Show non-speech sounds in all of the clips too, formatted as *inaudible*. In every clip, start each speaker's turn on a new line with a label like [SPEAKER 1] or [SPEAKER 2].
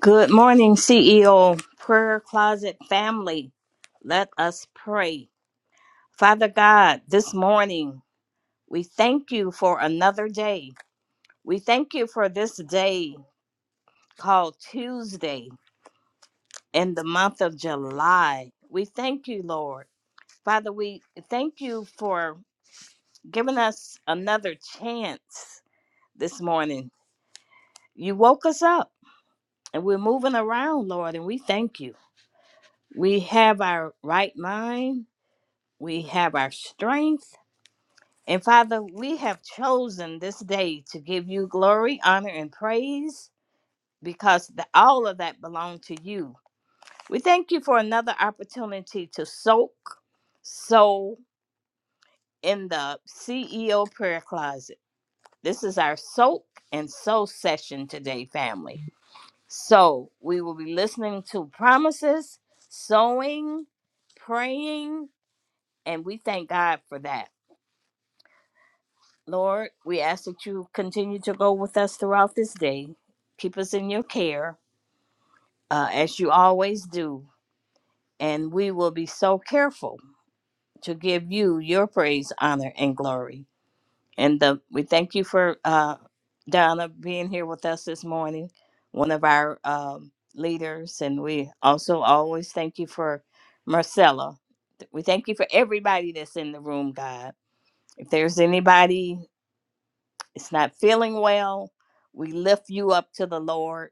[SPEAKER 1] Good morning, CEO Prayer Closet family. Let us pray. Father God, this morning, we thank you for another day. We thank you for this day called Tuesday in the month of July. We thank you, Lord. Father, we thank you for giving us another chance this morning. You woke us up and we're moving around, Lord, and we thank you. We have our right mind we have our strength. And Father, we have chosen this day to give you glory, honor, and praise because the, all of that belong to you. We thank you for another opportunity to soak, sow in the CEO prayer closet. This is our soak and sow session today, family. So we will be listening to promises, sowing, praying, and we thank God for that. Lord, we ask that you continue to go with us throughout this day. Keep us in your care, uh, as you always do. And we will be so careful to give you your praise, honor, and glory. And the, we thank you for uh, Donna being here with us this morning, one of our um, leaders. And we also always thank you for Marcella. We thank you for everybody that's in the room, God. If there's anybody it's not feeling well, we lift you up to the Lord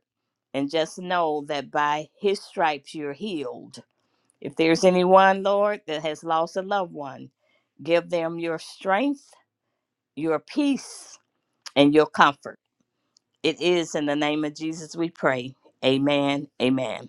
[SPEAKER 1] and just know that by his stripes you're healed. If there's anyone, Lord, that has lost a loved one, give them your strength, your peace, and your comfort. It is in the name of Jesus we pray. Amen. Amen.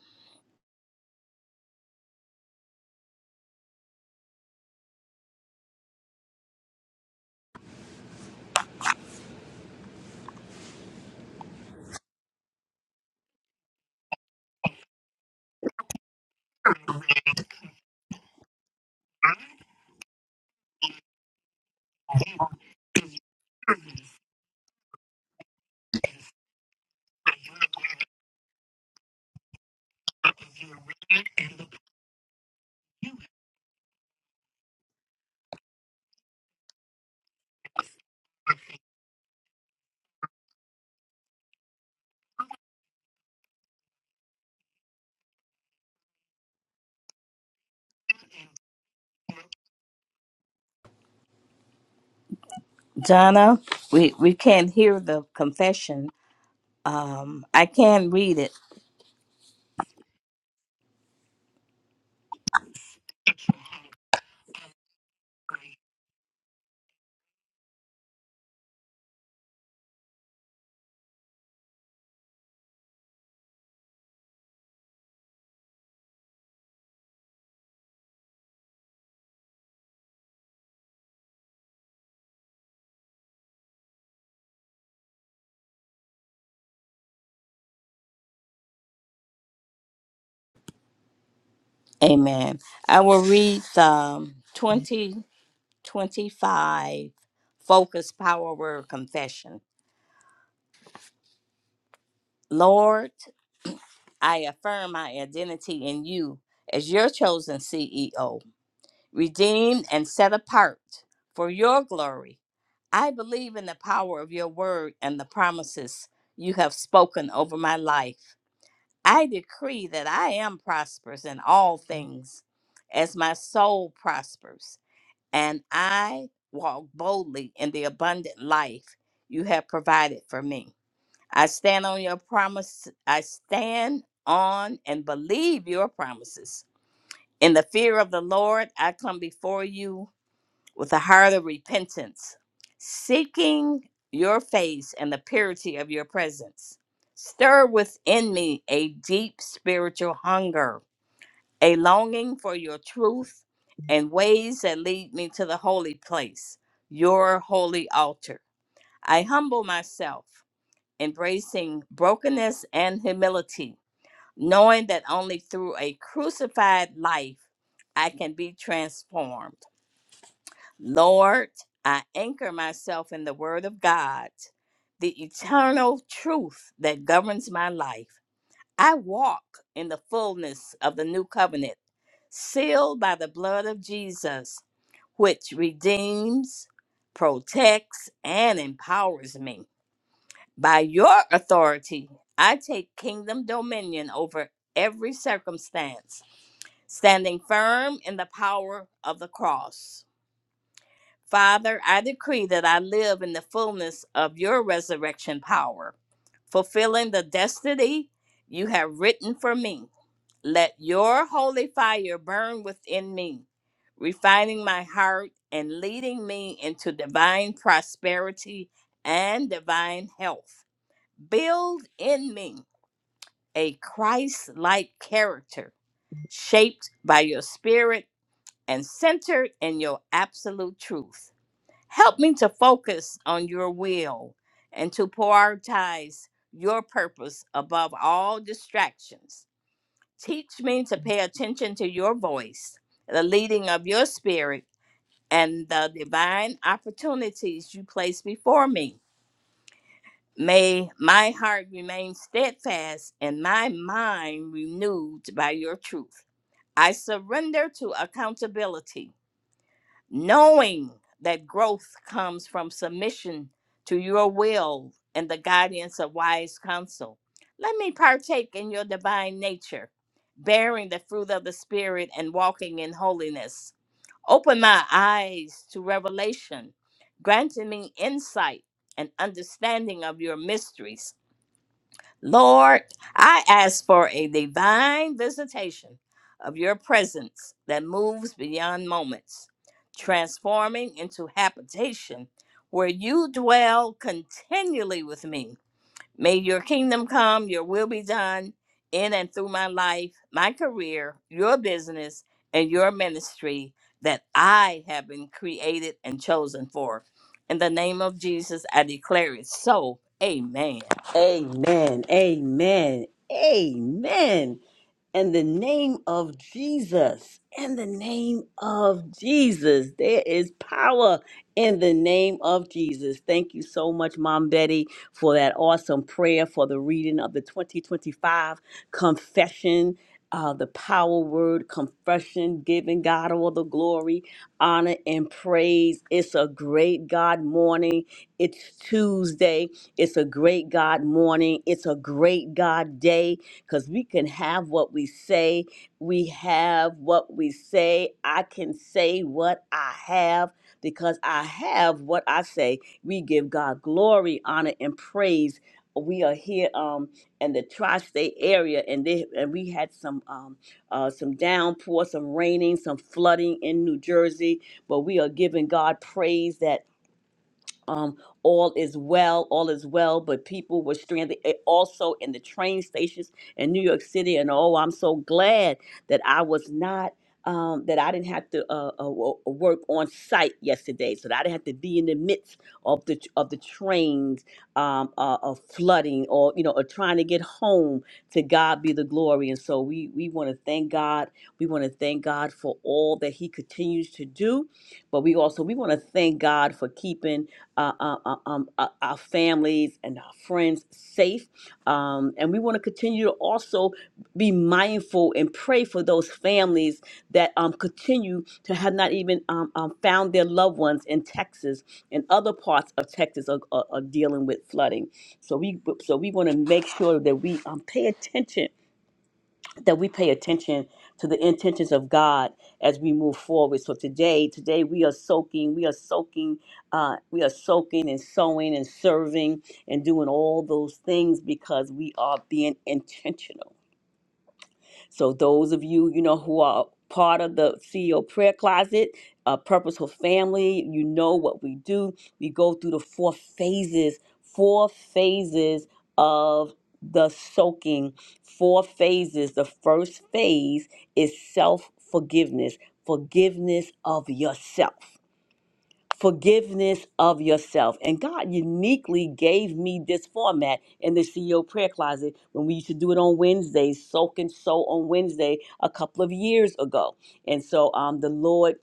[SPEAKER 1] Donna, we, we can't hear the confession. Um, I can read it. Amen. I will read the um, 20. 25 Focus Power Word Confession. Lord, I affirm my identity in you as your chosen CEO, redeemed and set apart for your glory. I believe in the power of your word and the promises you have spoken over my life. I decree that I am prosperous in all things as my soul prospers and I walk boldly in the abundant life you have provided for me. I stand on your promise. I stand on and believe your promises. In the fear of the Lord, I come before you with a heart of repentance, seeking your face and the purity of your presence. Stir within me a deep spiritual hunger a longing for your truth and ways that lead me to the holy place, your holy altar. I humble myself, embracing brokenness and humility, knowing that only through a crucified life I can be transformed. Lord, I anchor myself in the Word of God, the eternal truth that governs my life. I walk in the fullness of the new covenant, sealed by the blood of Jesus, which redeems, protects, and empowers me. By your authority, I take kingdom dominion over every circumstance, standing firm in the power of the cross. Father, I decree that I live in the fullness of your resurrection power, fulfilling the destiny you have written for me. Let your holy fire burn within me, refining my heart and leading me into divine prosperity and divine health. Build in me a Christ like character, shaped by your spirit and centered in your absolute truth. Help me to focus on your will and to prioritize your purpose above all distractions. Teach me to pay attention to your voice, the leading of your spirit, and the divine opportunities you place before me. May my heart remain steadfast and my mind renewed by your truth. I surrender to accountability knowing that growth comes from submission to your will and the guidance of wise counsel. Let me partake in your divine nature, bearing the fruit of the Spirit and walking in holiness. Open my eyes to revelation, granting me insight and understanding of your mysteries Lord, I ask for a divine visitation of your presence that moves beyond moments, transforming into habitation where you dwell continually with me. May your kingdom come, your will be done in and through my life, my career, your business, and your ministry that I have been created and chosen for. In the name of Jesus, I declare it so. Amen.
[SPEAKER 2] Amen. Amen. Amen. In the name of Jesus. In the name of Jesus. There is power in the name of Jesus. Thank you so much, Mom Betty, for that awesome prayer for the reading of the 2025 confession. Uh, the power word confession, giving God all the glory, honor, and praise. It's a great God morning. It's Tuesday. It's a great God morning. It's a great God day because we can have what we say. We have what we say. I can say what I have because I have what I say. We give God glory, honor, and praise. We are here um, in the tri-state area, and they, and we had some um, uh, some downpour, some raining, some flooding in New Jersey. But we are giving God praise that um, all is well, all is well, but people were stranded eh, also in the train stations in New York City. And oh, I'm so glad that I was not. Um, that I didn't have to uh, uh, wo- work on site yesterday, so that I didn't have to be in the midst of the of the trains um, uh, of flooding, or you know, or trying to get home. To God be the glory, and so we we want to thank God. We want to thank God for all that He continues to do, but we also we want to thank God for keeping uh, uh, uh, um, uh, our families and our friends safe. Um, and we want to continue to also be mindful and pray for those families that um, continue to have not even um, um, found their loved ones in Texas and other parts of Texas are, are, are dealing with flooding. So we so we want to make sure that we um, pay attention that we pay attention to the intentions of God as we move forward. So today, today we are soaking, we are soaking, uh, we are soaking and sowing and serving and doing all those things because we are being intentional so those of you, you know, who are part of the CEO prayer closet, a purposeful family, you know what we do. We go through the four phases, four phases of the soaking, four phases. The first phase is self-forgiveness, forgiveness forgiveness of yourself forgiveness of yourself. And God uniquely gave me this format in the CEO prayer closet when we used to do it on Wednesdays, soak and sow on Wednesday a couple of years ago. And so um, the Lord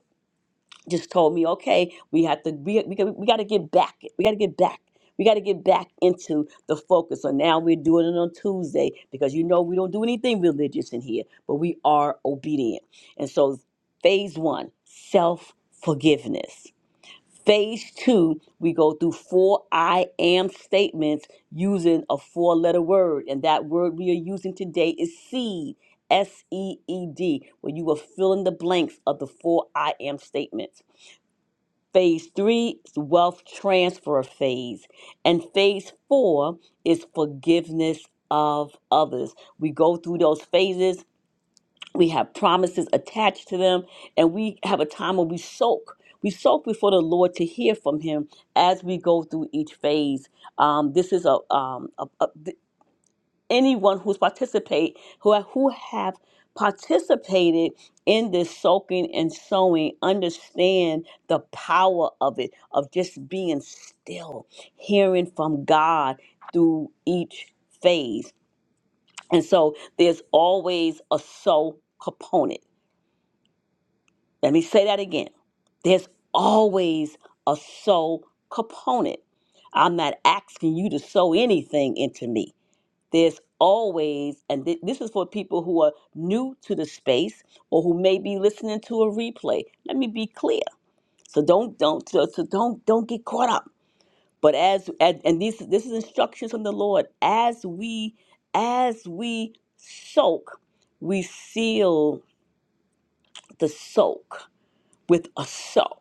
[SPEAKER 2] just told me, okay, we have to we, we, we got to get back. We got to get back. We got to get back into the focus. So now we're doing it on Tuesday because you know we don't do anything religious in here, but we are obedient. And so phase one, self forgiveness Phase two, we go through four I am statements using a four letter word. And that word we are using today is seed, S E E D, where you will fill in the blanks of the four I am statements. Phase three is wealth transfer phase. And phase four is forgiveness of others. We go through those phases we have promises attached to them and we have a time when we soak we soak before the lord to hear from him as we go through each phase um, this is a, um, a, a- th- anyone who's participate who, ha- who have participated in this soaking and sowing understand the power of it of just being still hearing from god through each phase and so there's always a soul component Let me say that again. There's always a soul component. I'm not asking you to sow anything into me. There's always, and thi- this is for people who are new to the space or who may be listening to a replay. Let me be clear. So don't don't so, so don't don't get caught up. But as and, and these this is instructions from the Lord. As we as we soak, we seal the soak with a sow.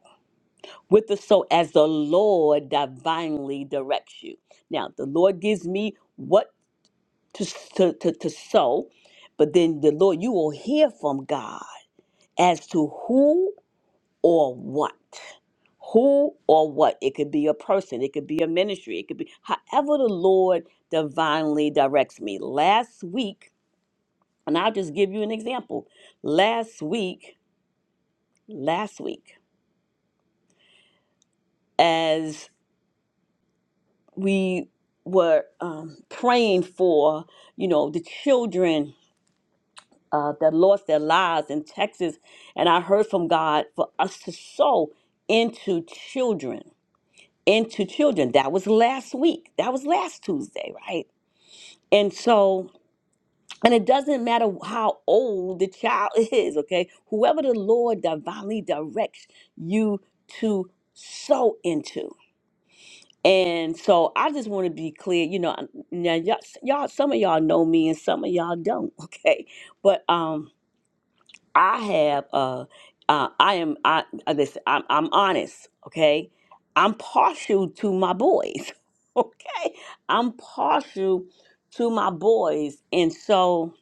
[SPEAKER 2] with the soul as the Lord divinely directs you. Now, the Lord gives me what to, to, to, to sow, but then the Lord, you will hear from God as to who or what. Who or what? It could be a person, it could be a ministry, it could be however the Lord divinely directs me. Last week, and I'll just give you an example. Last week, last week, we were um, praying for, you know, the children uh, that lost their lives in Texas. And I heard from God for us to sow into children, into children. That was last week. That was last Tuesday, right? And so, and it doesn't matter how old the child *laughs* is, okay? Whoever the Lord divinely directs you to sow into. And so I just want to be clear, you know, now y'all, y'all, some of y'all know me and some of y'all don't, *laughs* okay? But um, I have, uh, uh I am, I uh, listen, I'm, I'm honest, okay? I'm partial to my boys, *laughs* okay? I'm partial to my boys, and so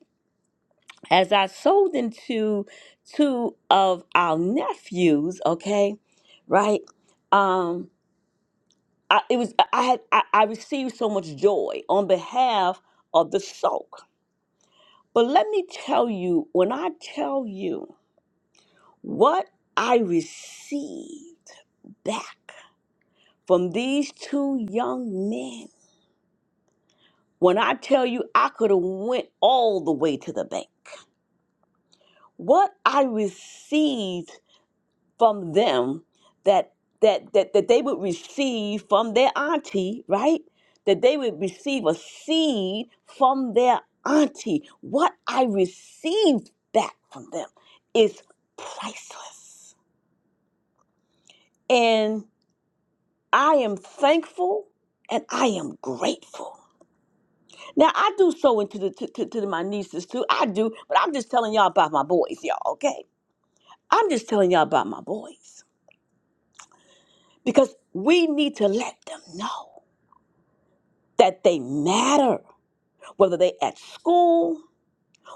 [SPEAKER 2] as I sold into two of our nephews, okay, right? um, I, it was I had I, I received so much joy on behalf of the soak. But let me tell you, when I tell you what I received back from these two young men, when I tell you I could have went all the way to the bank, what I received from them that that that that they would receive from their auntie, right? That they would receive a seed from their auntie. What I received back from them is priceless. And I am thankful and I am grateful. Now I do so into the to, to, to my nieces too. I do, but I'm just telling y'all about my boys, y'all, okay? I'm just telling y'all about my boys. Because we need to let them know. that they matter, whether they at school,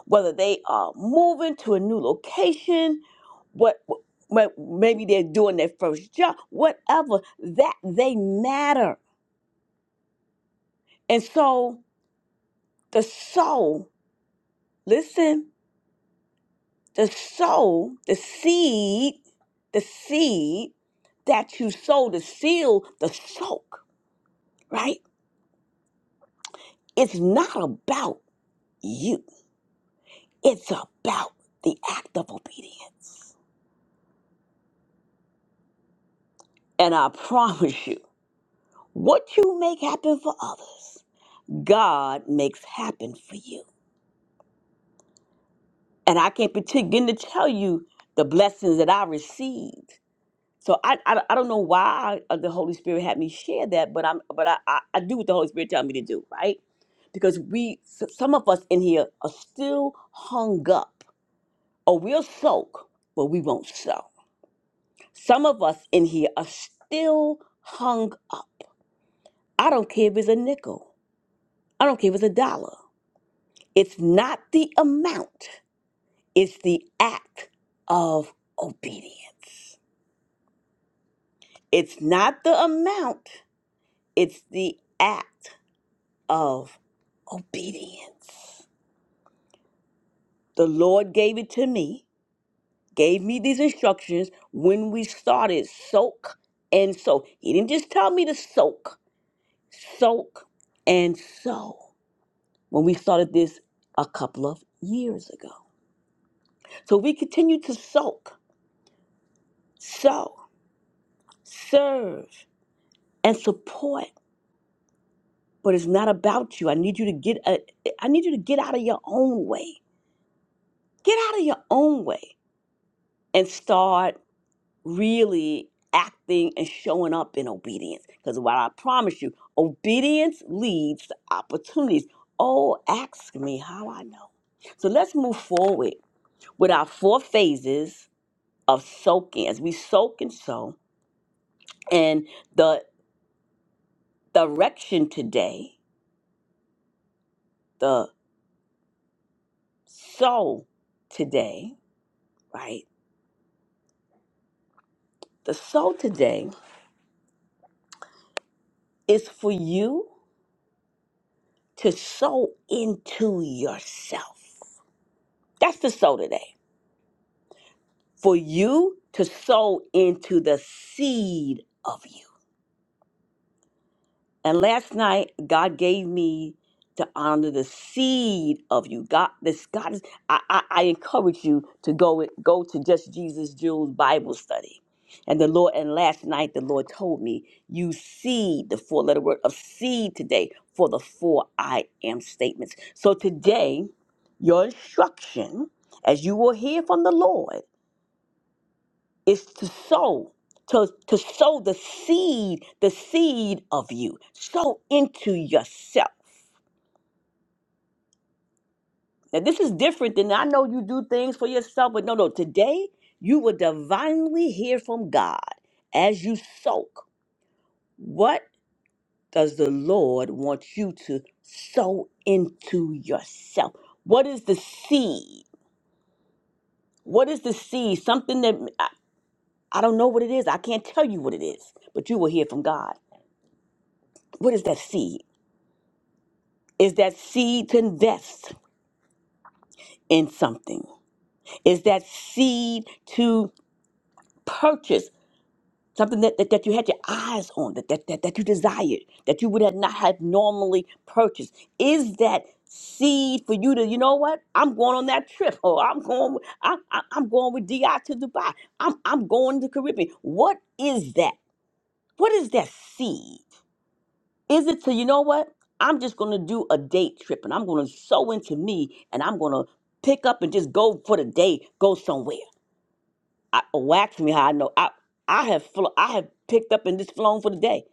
[SPEAKER 2] whether they are moving to a new location, what what- maybe they're doing their first job, whatever, that they matter. And so the soul, listen, the soul, the seed, the seed that you sow the seal the soak, right? It's not about you. It's about the act of obedience. And I *laughs* promise you. What you make happen for others, God makes happen for you. And I can't begin to tell you the blessings that I received. So I, I, I don't know why uh, the Holy Spirit had me share that, but I'm but I, I, I do what the Holy Spirit tells me to do, right? Because we s- some of us in here are still hung up, or we'll soak, but we won't sow. Some of us in here are still hung up. I don't care if it's a nickel. I don't care if it's a dollar. It's not the amount, it's the act of obedience. It's not the amount, it's the act of obedience. The Lord gave it to me, gave me these instructions when we started soak and sow. He didn't just tell me to soak, soak and sow when we started this a couple of years ago. So we continue to soak, sow, serve. and support but it's not about you i need you to get a, i need you to get out of your own way get out of your own way and start really acting and showing up in obedience because what i promise you obedience leads to opportunities oh ask me how i know so let's move forward with our four phases of soaking as we soak and sow and the direction today the sow today right? The soul today is for you to sow into yourself. That's the soul today. For you to sow into the seed of you. And last night, God gave me to honor the seed of you. God, this God is. I, I, I encourage you to go go to Just Jesus Jules Bible study. And the Lord, and last night the Lord told me, you seed the four letter word of seed today for the four I am statements. So today, your instruction, as you will hear from the Lord is to sow to, to sow the seed the seed of you sow into yourself now this is different than i know you do things for yourself but no no today you will divinely hear from god as you soak what does the lord want you to sow into yourself what is the seed what is the seed something that I, I don't know what it is i can't tell you what it is but you will hear from god what is that seed is that seed to invest in something is that seed to purchase something that, that, that you had your eyes on that, that, that, that you desired that you would have not have normally purchased is that seed for you to you know what i'm going on that trip or i'm going with- I, I, i'm going with di to dubai i'm, I'm going to the caribbean what is that what is that seed Is it to, you know what? I'm just going to do a date trip and I'm going to sew into me and I'm going to pick up and just go for the day, go somewhere. I, oh, wax me how I know. I, I have flo- I have picked up and just flown for the day.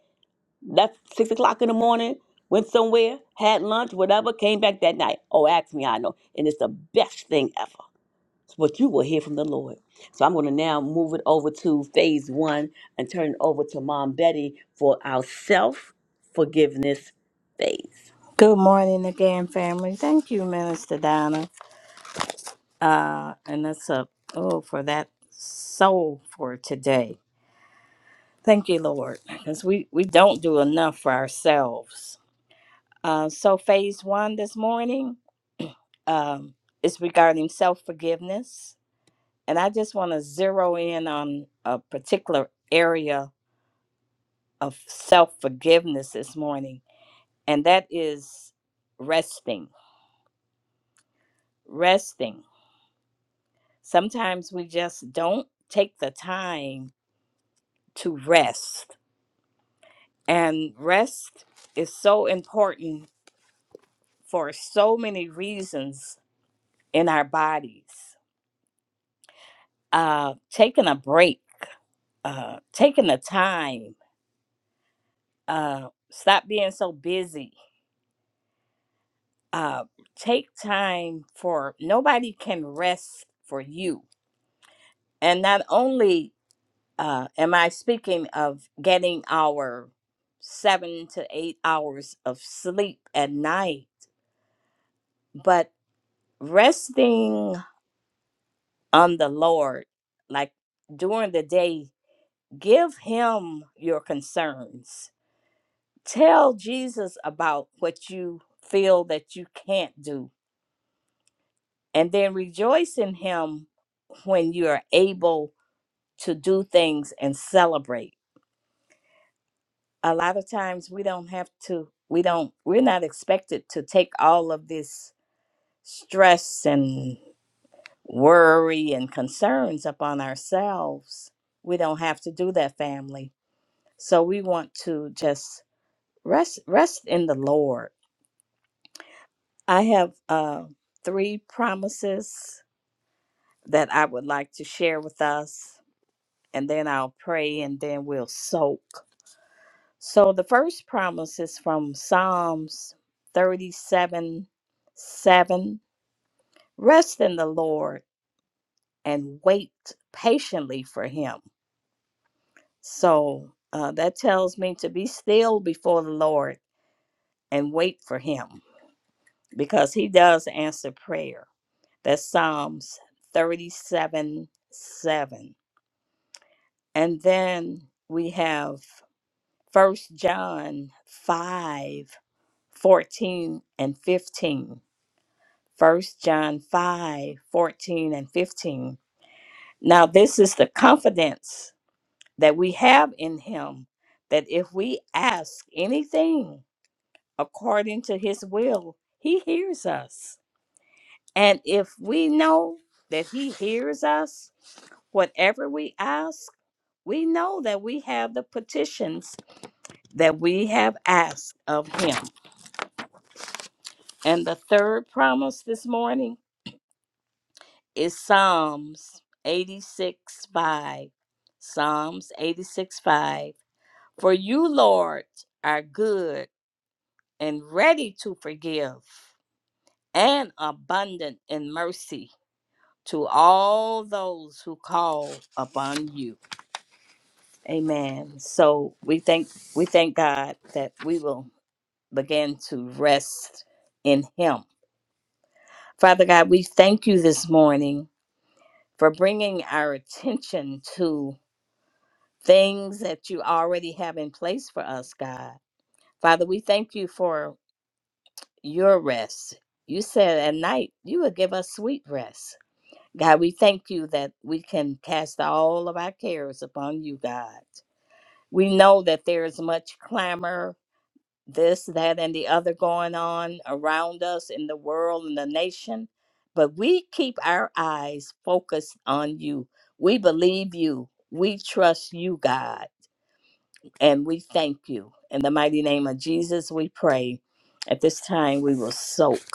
[SPEAKER 2] Left six o'clock in the morning, went somewhere, had lunch, whatever, came back that night. Oh, ask me how I know. And it's the best thing ever what you will hear from the Lord. So I'm going to now move it over to phase one and turn it over to Mom Betty for our self forgiveness phase.
[SPEAKER 1] Good morning again, family. Thank you, Minister Donna. Uh, and that's a oh for that soul for today. Thank you, Lord, because we we don't do enough for ourselves. Uh, so phase one this morning *clears throat* um, is regarding self forgiveness, and I just want to zero in on a particular area of self forgiveness this morning, and that is resting. Resting. Sometimes we just don't take the time to rest, and rest is so important for so many reasons in our bodies. Uh, taking a break, uh, taking the time, uh, stop being so busy. Uh, take time for nobody can rest for you. And not only uh, am I speaking of getting our seven to eight hours of sleep at night, but resting on the Lord, like during the day, give Him your concerns. Tell Jesus about what you feel that you can't do, and then rejoice in Him when you are able to do things and celebrate a lot of times we don't have to we don't we're not expected to take all of this stress and worry and concerns upon ourselves we don't have to do that family so we want to just rest rest in the lord i have uh, three promises that i would like to share with us and then i'll pray and then we'll soak So the first promise is from Psalms 37 7. Rest in the Lord and wait patiently for him. So uh, that tells me to be still before the Lord and wait for him because he does answer prayer. That's Psalms 37 7. And then we have First John 5, 14, and 15. First John 5 14 and 15. Now this is the confidence that we have in him that if we ask anything according to his will, he hears us. And if we know that he hears us, whatever we ask, we know that we have the petitions that we have asked of him. And the third promise this morning is Psalms 86 5. Psalms 86 5. For you, Lord, are good and ready to forgive and abundant in mercy to all those who call upon you. Amen. So we thank we thank God that we will begin to rest in him. Father God, we thank you this morning for bringing our attention to things that you already have in place for us, God. Father, we thank you for your rest. You said at night you would give us sweet rest. God, we thank you that we can cast all of our cares upon you, God. We know that there is much clamor, this, that, and the other going on around us in the world and the nation, but we keep our eyes focused on you. We believe you. We trust you, God. And we thank you. In the mighty name of Jesus, we pray. At this time, we will soak.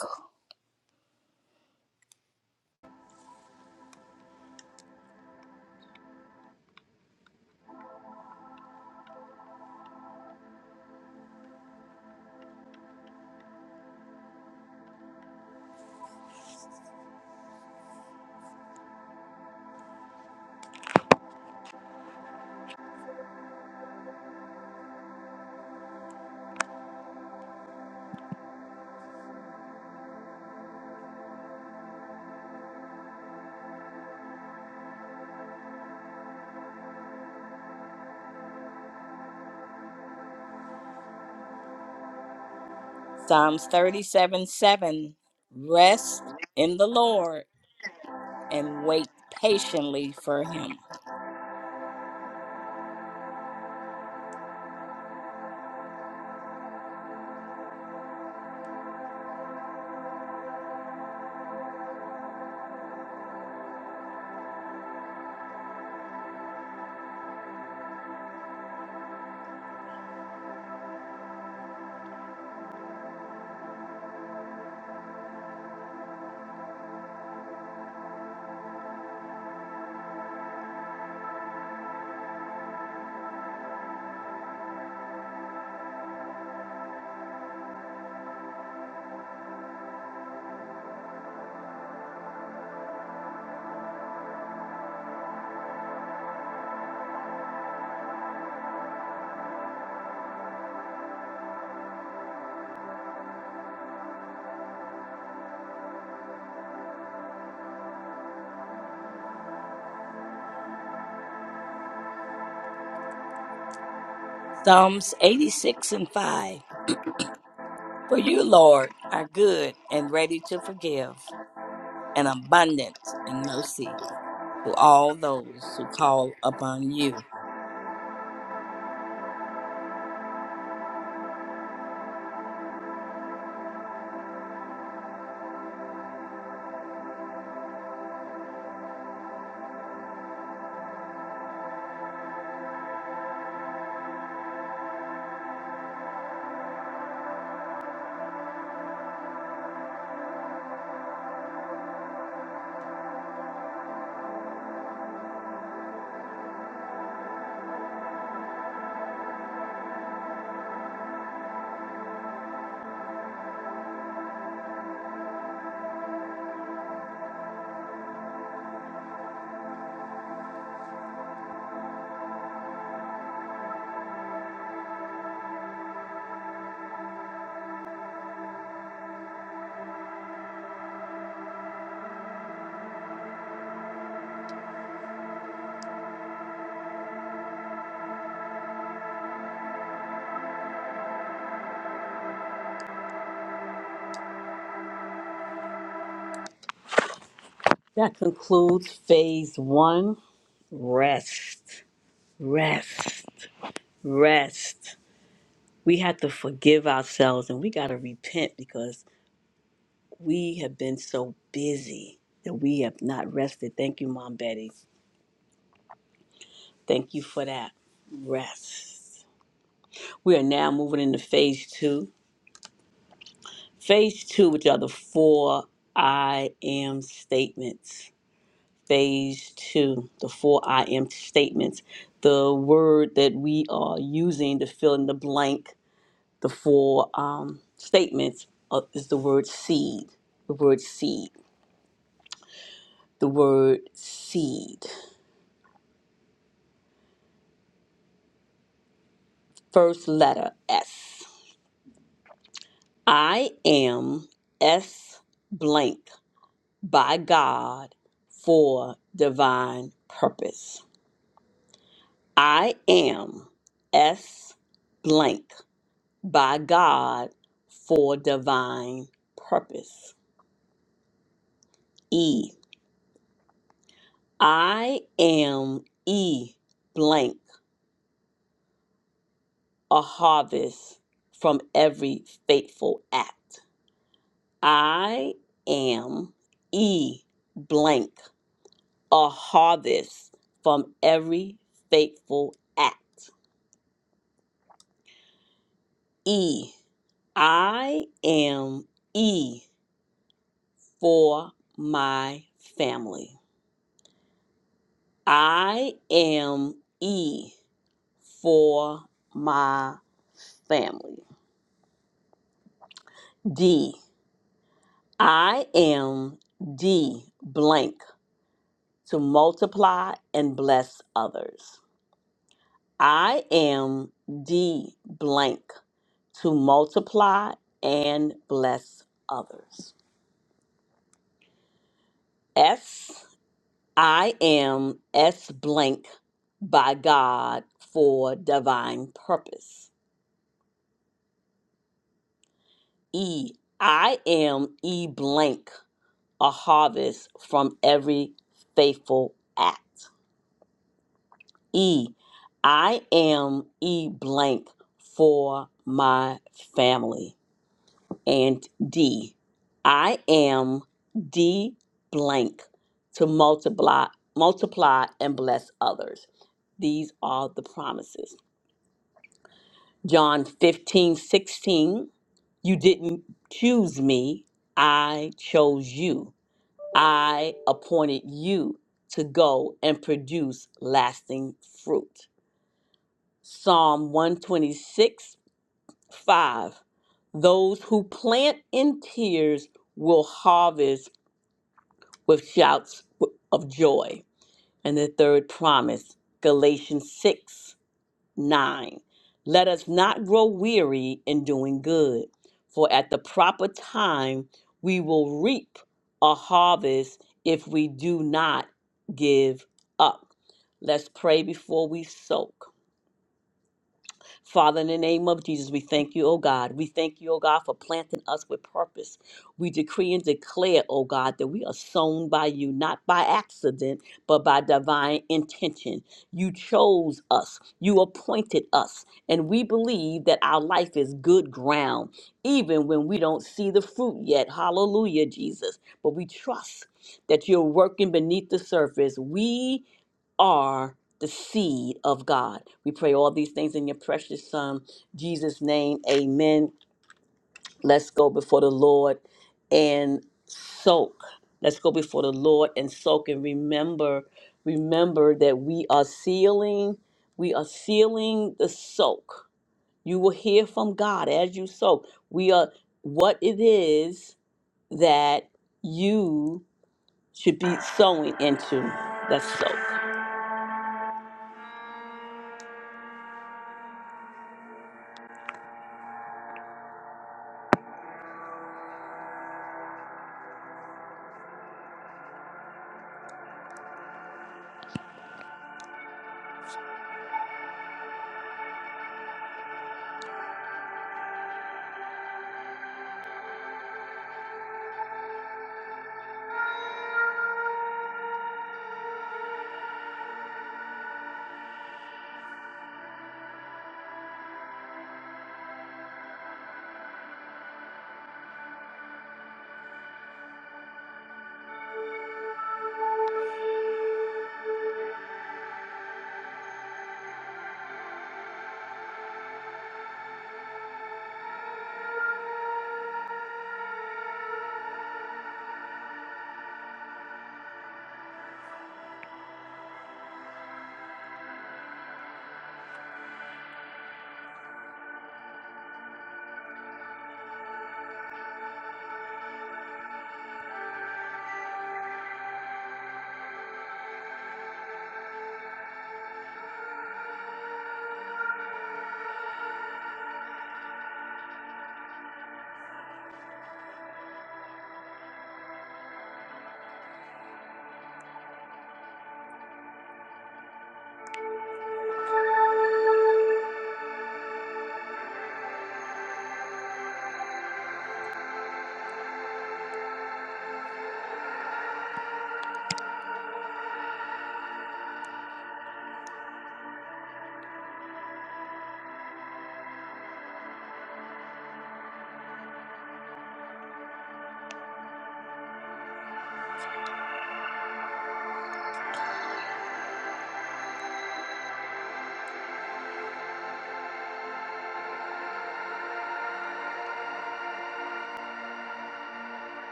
[SPEAKER 1] Psalms 37 7. Rest in the Lord and wait patiently for him. Psalms 86 and 5. For you, Lord, are good and ready to forgive, and abundant in mercy to all those who call upon you.
[SPEAKER 2] That concludes phase one rest, rest, rest. We have to forgive ourselves and we got to repent because we have been so busy that we have not rested. Thank you, Mom Betty. Thank you for that rest. We are now moving into phase two Phase two, which are the four I am statements. Phase two, the four I am statements, the word that we are using to fill in the blank, the four um, statements uh, is the word seed. The word seed. The word seed. First letter S. I am S blank by God for divine purpose. I am S blank by God for divine purpose. E. I am E blank, a harvest from every faithful act. I am E blank, a harvest from every faithful act. E. I am E for my family. I am E for my family. D. I am D blank to multiply and bless others. I am D blank to multiply and bless others. S. I am S blank by God for divine purpose. E. I am E blank, a harvest from every faithful act. E. I am E blank for my family. And D. I am D blank to multiply, multiply and bless others. These are the promises. John 15 16. You didn't choose me, I chose you. I appointed you to go and produce lasting fruit. Psalm 126 5. Those who plant in tears will harvest with shouts of joy. And the third promise, Galatians 6 9. Let us not grow weary in doing good, for at the proper time we will reap a harvest if we do not give up. Let's pray before we soak. Father, in the name of Jesus, we thank you, oh God. We thank you, oh God, for planting us with purpose. We decree and declare, oh God, that we are sown by you, not by accident, but by divine intention. You chose us, you appointed us, and we believe that our life is good ground, even when we don't see the fruit yet. Hallelujah, Jesus. But we trust that you're working beneath the surface. We are the seed of God. We pray all these things in your precious Son, Jesus' name. Amen. Let's go before the Lord and soak. Let's go before the Lord and soak and remember, remember that we are sealing, we are sealing the soak. You will hear from God as you soak. We are what it is that you should be sowing into. Let's soak.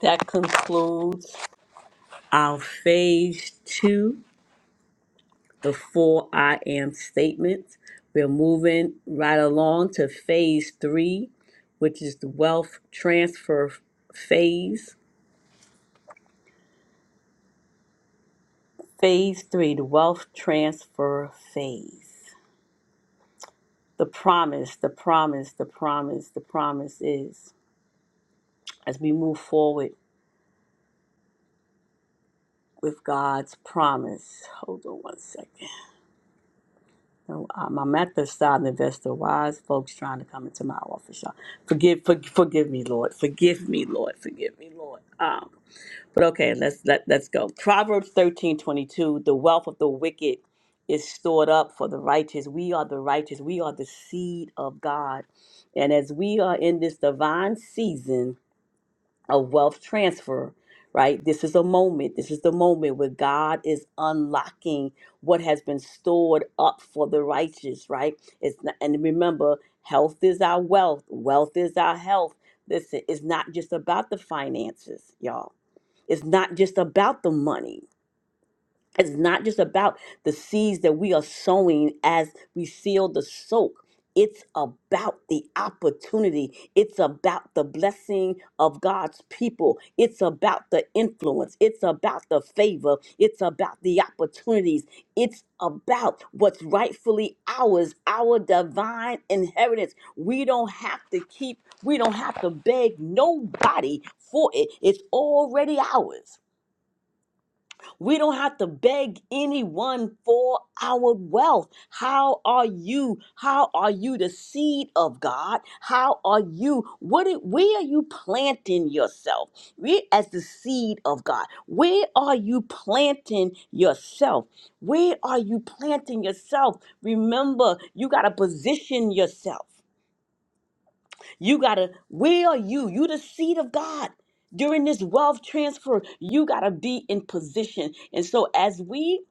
[SPEAKER 2] That concludes. our phase two, the four I am statements. We're moving right along to phase three, which is the wealth transfer phase. Phase three, the wealth transfer phase. The promise, the promise, the promise, the promise is as we move forward with God's promise. Hold on one second. No, um, I'm at the side investor. Why is folks trying to come into my office? y'all? Forgive, for, forgive me, Lord. Forgive me, Lord. Forgive me, Lord. Um, but okay, let's let let's go. Proverbs thirteen twenty two. The wealth of the wicked is stored up for the righteous. We are the righteous. We are the seed of God, and as we are in this divine season, a wealth transfer, right? This is a moment. This is the moment where God is unlocking what has been stored up for the righteous, right? It's not, and remember, health is our wealth. Wealth is our health. Listen, it's not just about the finances, y'all. It's not just about the money it's not just about the seeds that we are sowing as we feel the soak. It's about the opportunity. It's about the blessing of God's people. It's about the influence. It's about the favor. It's about the opportunities. It's about what's rightfully ours, our divine inheritance. We don't have to keep, we don't have to beg nobody for it. It's already ours. We don't have to beg anyone for our wealth. How are you? How are you the seed of God? How are you? What it, where are you planting yourself? We as the seed of God. Where are you planting yourself? Where are you planting yourself? Remember, you got to position yourself. You gotta, where are you? You the seed of God. During this wealth transfer, you gotta be in position. And so as we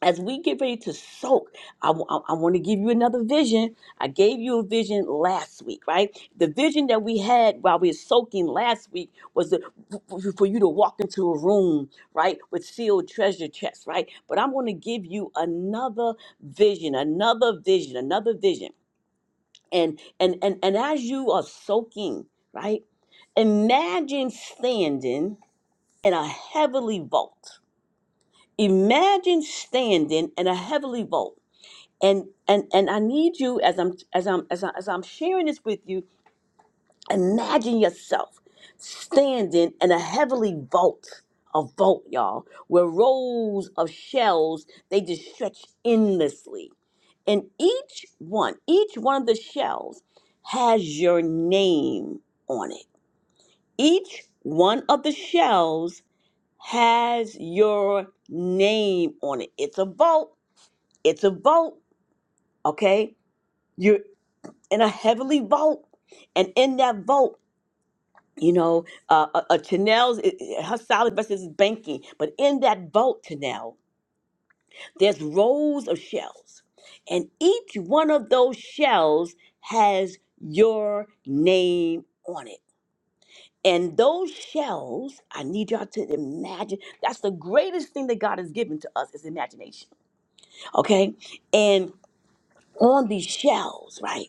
[SPEAKER 2] as we get ready to soak, I, want to give you another vision. I gave you a vision last week, right? The vision that we had while we were soaking last week was the, for for you to walk into a room, right, with sealed treasure chests, right? But I'm going to give you another vision, another vision, another vision and and and, and as you are soaking right imagine standing in a heavily vault imagine standing in a heavily vault and and and i need you as i'm as i'm as, I, as i'm sharing this with you imagine yourself standing in a heavily vault a vault y'all where rows of shells they just stretch endlessly and each one, each one of the shells has your name on it. Each one of the shells has your name on it. It's a vault. It's a vault. Okay. You're in a heavenly vault. And in that vault, you know, uh, uh, uh, Chanel's, it, it- her solid versus is banking. But in that vault, Chanel, there's rows of shells, and each one of those shells has your name on it. And those shells, I need y'all to imagine. That's the greatest thing that God has given to us is imagination. Okay? And on these shells, right?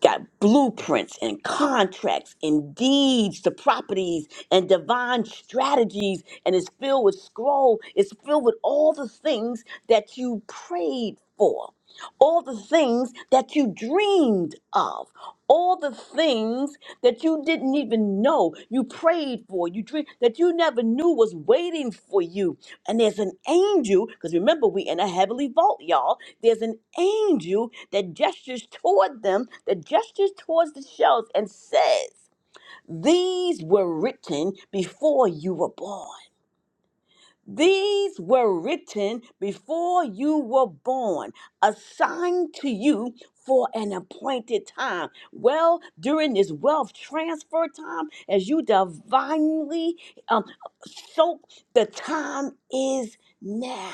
[SPEAKER 2] got blueprints and contracts and deeds to properties and divine strategies and it's filled with scroll it's filled with all the things that you prayed for all the things that you dreamed of all the things that you didn't even know you prayed for you dreamed that you never knew was waiting for you and there's an angel because remember we in a heavenly vault y'all there's an angel that gestures toward them, that gestures towards the shelves and says, These were written before you were born. These were written before you were born, assigned to you for an appointed time. Well, during this wealth transfer time, as you divinely um, soak, the time is now.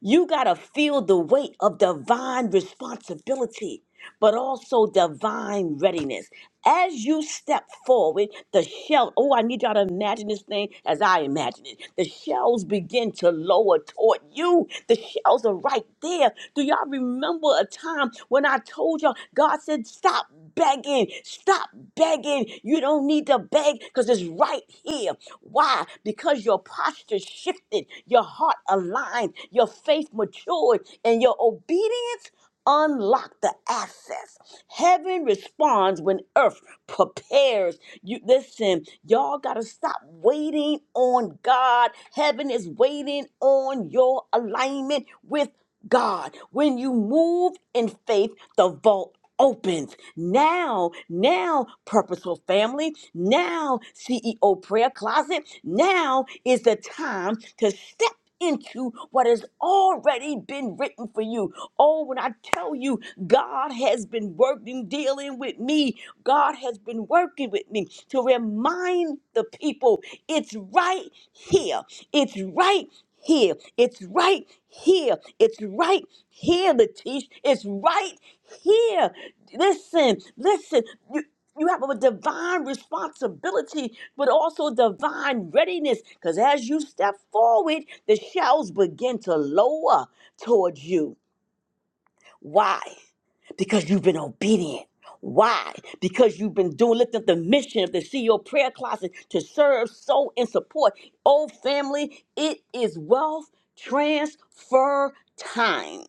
[SPEAKER 2] You got to feel the weight of divine responsibility, but also divine readiness as you step forward, the shell, oh, I need y'all to imagine this thing as I imagine it. The shells begin to lower toward you. The shells are right there. Do y'all remember a time when I told y'all, God said, stop begging, stop begging. You don't need to beg because it's right here. Why? Because your posture shifted, your heart aligned, your faith matured, and your obedience unlocked the access. Heaven responds when earth prepares. You listen, y'all gotta stop waiting on God. Heaven is waiting on your alignment with God. When you move in faith, the vault opens. Now, now, purposeful family, now, CEO prayer closet, now is the time to step into what has already been written for you. Oh, when I tell you God has been working, dealing with me. God has been working with me to remind the people it's right here. It's right here. It's right here. It's right here, Latish. It's right here. Listen, listen. You, you have a divine responsibility, but also divine readiness. Because as you step forward, the shells begin to lower towards you. Why? because you've been obedient. Why? Because you've been doing, lifting up the mission of the CEO prayer closet to serve, sow, and support. Oh, family, it is wealth transfer time.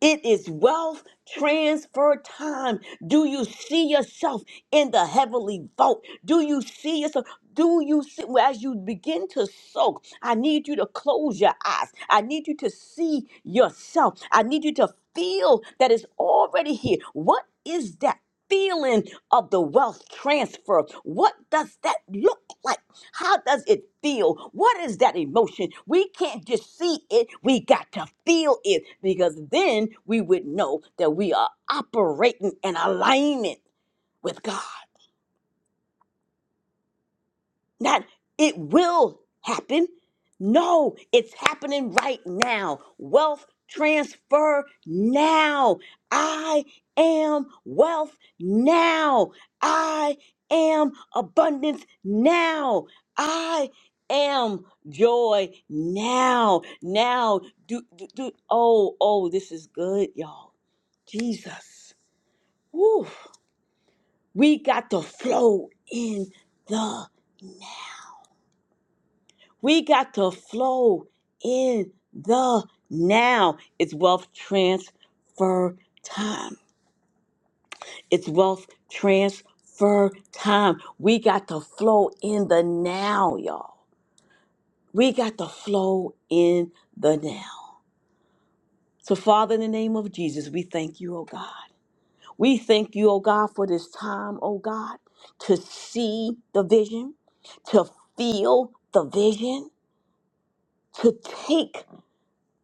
[SPEAKER 2] It is wealth transfer time. Do you see yourself in the heavenly vault? Do you see yourself? Do you see well, as you begin to soak? I need you to close your eyes. I need you to see yourself. I need you to feel that it's already here. What is that? Feeling of the wealth transfer. What does that look like? How does it feel? What is that emotion? We can't just see it, we got to feel it because then we would know that we are operating in alignment with God. Not it will happen. No, it's happening right now. Wealth transfer now. I am wealth now. I am abundance now. I am joy now. Now, do, do, do. Oh, oh, this is good, y'all. Jesus. Woo. We got to flow in the now. We got to flow in the now. It's wealth transfer time. It's wealth transfer time. We got to flow in the now, y'all. We got to flow in the now. So, Father, in the name of Jesus, we thank you, oh God. We thank you, oh God, for this time, oh God, to see the vision, to feel the vision, to take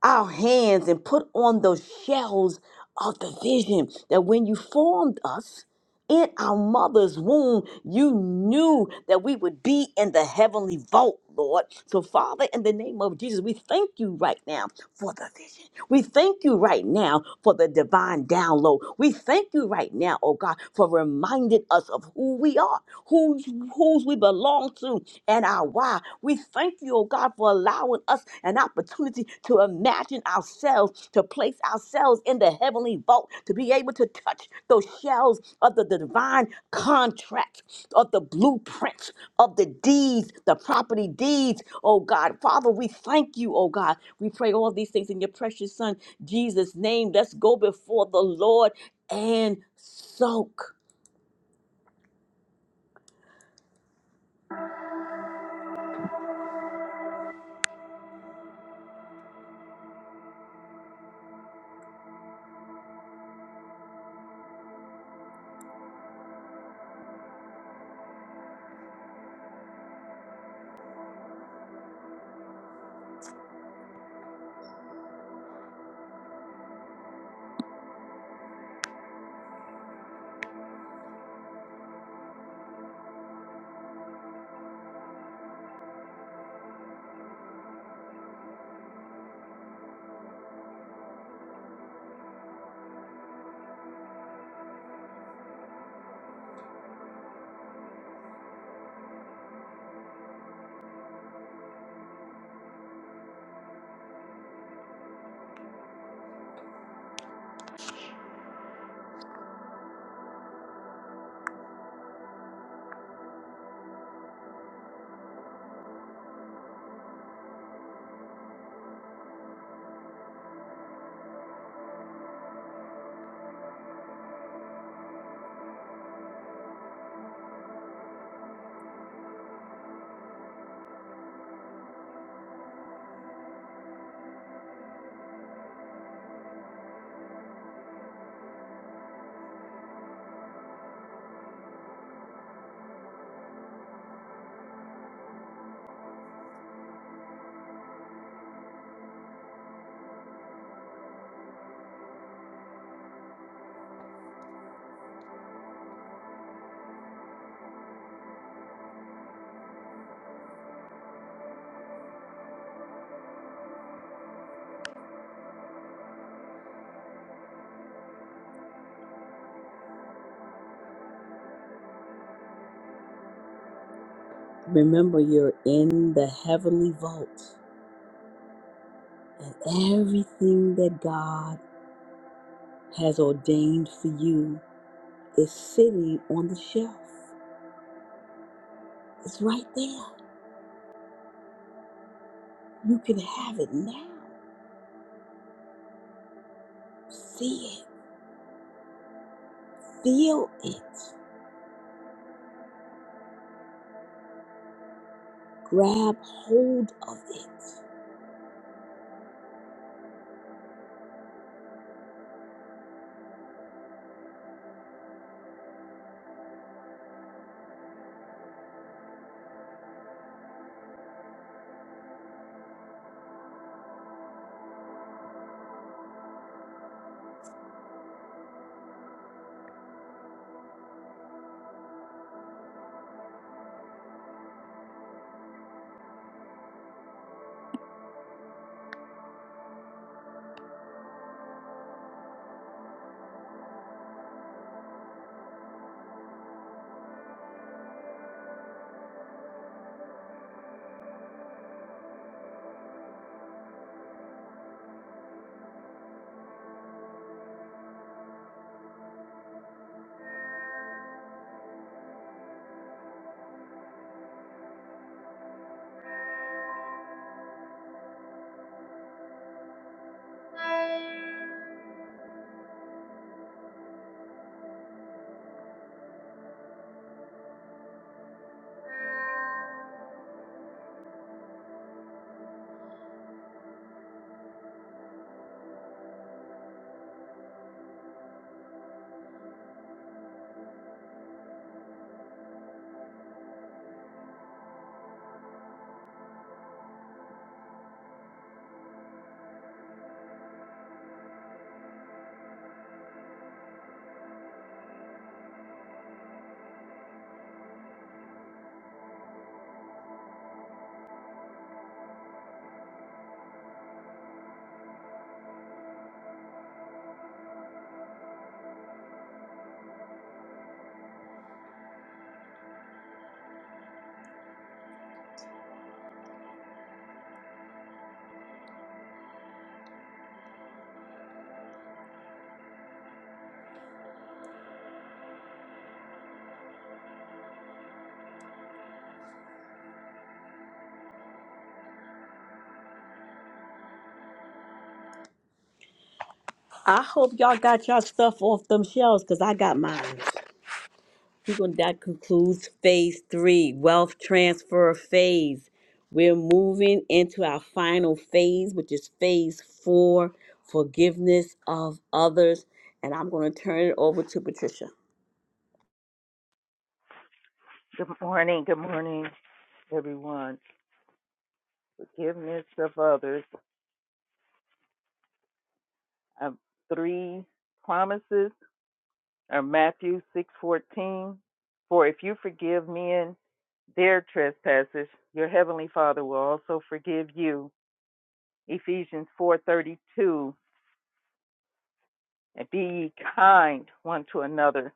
[SPEAKER 2] our hands and put on those shells of the vision that when you formed us in our mother's womb, you knew that we would be in the heavenly vault, Lord. So, Father, in the name of Jesus, we thank you right now for the vision. We thank you right now for the divine download. We thank you right now, oh God, for reminding us of who we are, whose, whose we belong to, and our why. We thank you, oh God, for allowing us an opportunity to imagine ourselves, to place ourselves in the heavenly vault, to be able to touch those shells of the divine contract, of the blueprints, of the deeds, the property deeds. Oh God, Father, we thank you, oh God. We pray all these things in your precious Son, Jesus' name. Let's go before the Lord and soak. Remember, you're in the heavenly vault, and everything that God has ordained for you is sitting on the shelf. It's right there. You can have it now. See it, feel it, grab hold of it. I hope y'all got y'all stuff off them shelves because I got mine. We're gonna- That concludes phase three wealth transfer phase. We're moving into our final phase, which is phase four forgiveness of others. And I'm going to turn it over to Patricia.
[SPEAKER 3] Good morning. Good morning, everyone. Forgiveness of others. Um, three promises are Matthew six fourteen. For if you forgive men their trespasses, your heavenly Father will also forgive you. Ephesians four thirty two. And be ye kind one to another,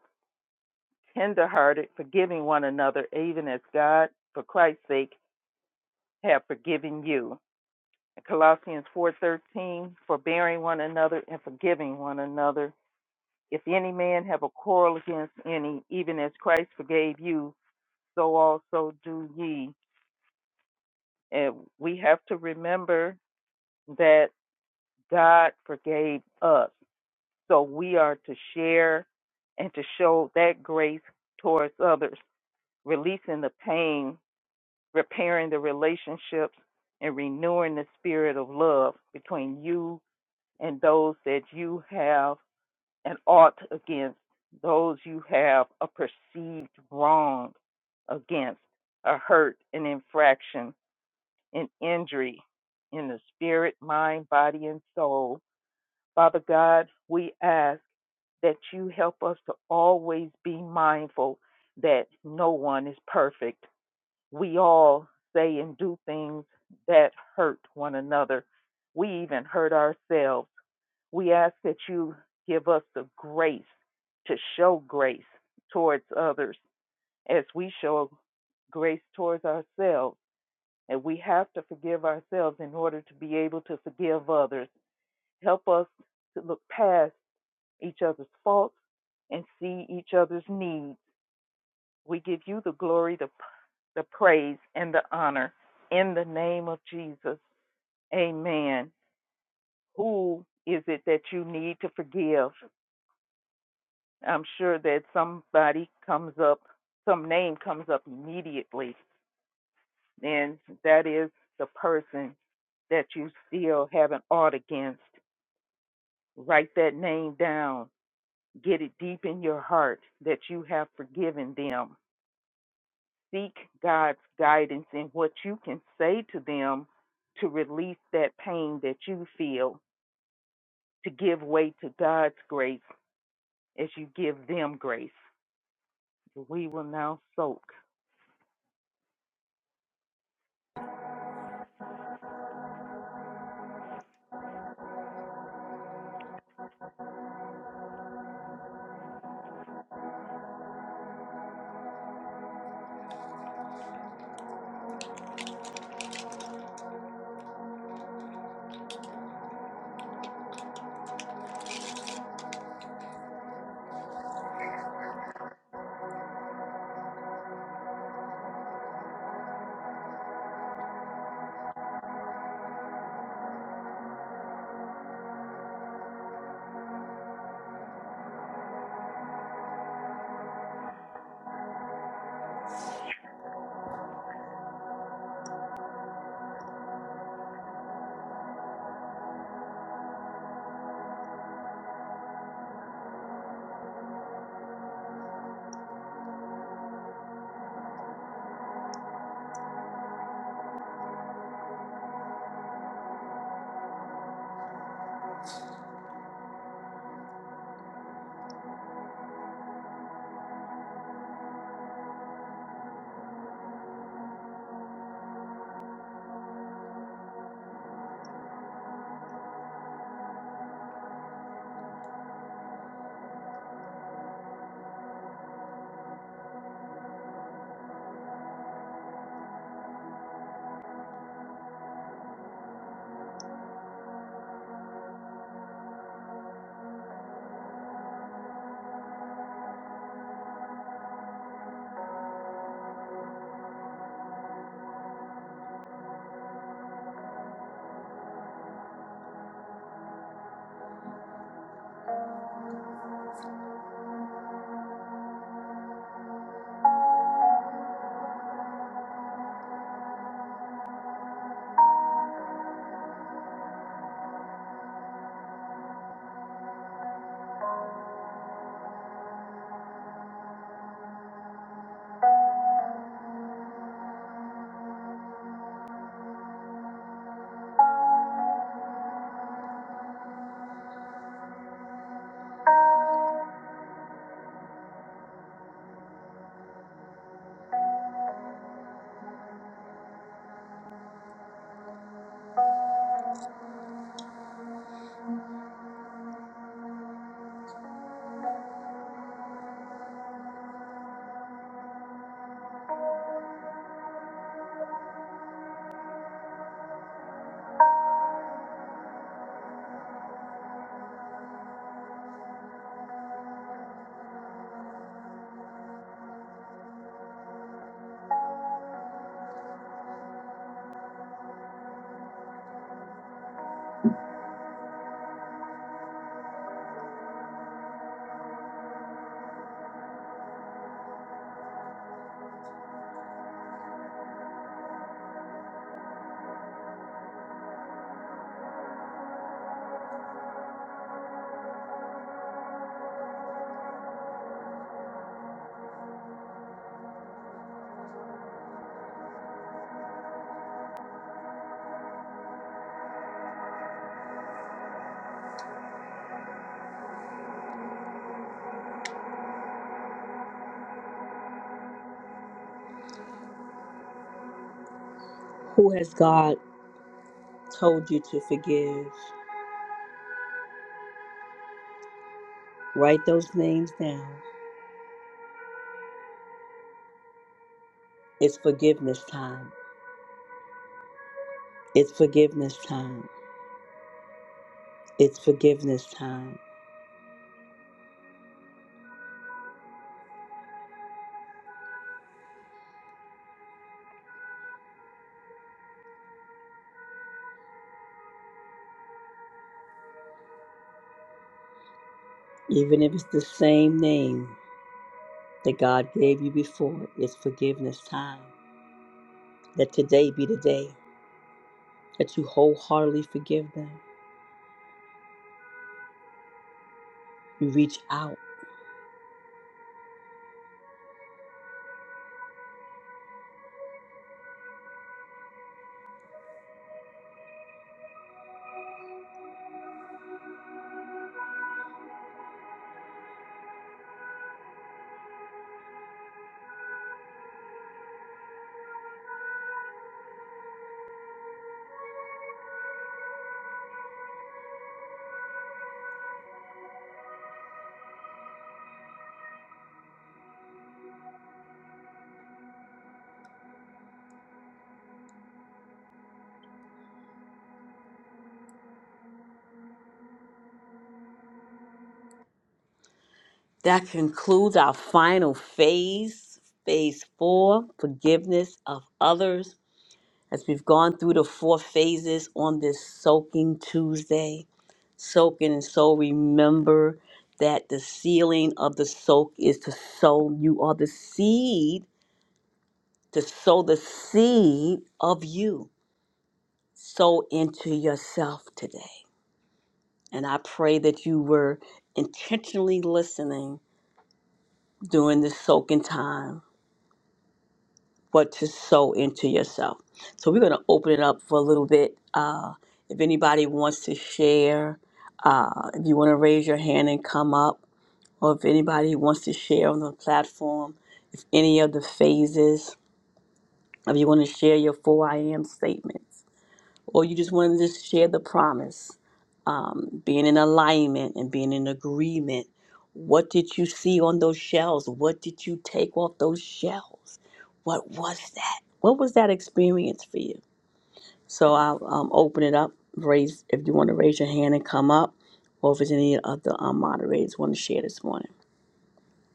[SPEAKER 3] tenderhearted, forgiving one another, even as God, for Christ's sake, have forgiven you. Colossians 4:13, forbearing one another and forgiving one another. If any man have a quarrel against any, even as Christ forgave you, so also do ye. And we have to remember that God forgave us. So we are to share and to show that grace towards others, releasing the pain, repairing the relationships, and renewing the spirit of love between you and those that you have and ought against those you have a perceived wrong against, a hurt, an infraction, an injury in the spirit, mind, body, and soul. Father God, we ask that you help us to always be mindful that no one is perfect. We all say and do things that hurt one another. We even hurt ourselves. We ask that you give us the grace to show grace towards others as we show grace towards ourselves. And we have to forgive ourselves in order to be able to forgive others. Help us to look past each other's faults and see each other's needs. We give you the glory, the, the praise, and the honor in the name of Jesus. Amen. Who is it that you need to forgive? I'm sure that somebody comes up, some name comes up immediately, and that is the person that you still have an ought against. Write that name down. Get it deep in your heart that you have forgiven them. Seek God's guidance in what you can say to them to release that pain that you feel, to give way to God's grace as you give them grace. We will now soak.
[SPEAKER 2] Who has God told you to forgive? Write those names down. It's forgiveness time. It's forgiveness time. It's forgiveness time. Even if it's the same name that God gave you before, it's forgiveness time. Let today be the day that you wholeheartedly forgive them. You reach out. That concludes our final phase, phase four forgiveness of others as we've gone through the four phases on this Soaking Tuesday. Soaking and so remember that the sealing of the soak is to sow. You are the seed, to sow the seed of you. Sow into yourself today. And I pray that you were intentionally listening during this soaking time what to sow into yourself. So we're going to open it up for a little bit. Uh, if anybody wants to share, uh, if you want to raise your hand and come up, or if anybody wants to share on the platform, if any of the phases, if you want to share your four I am statements, or you just want to just share the promise um, being in alignment and being in agreement. What did you see on those shelves? What did you take off those shelves? What was that? What was that experience for you? So I'll um, open it up. Raise if you want to raise your hand and come up, or if there's any other um, moderators want to share this morning.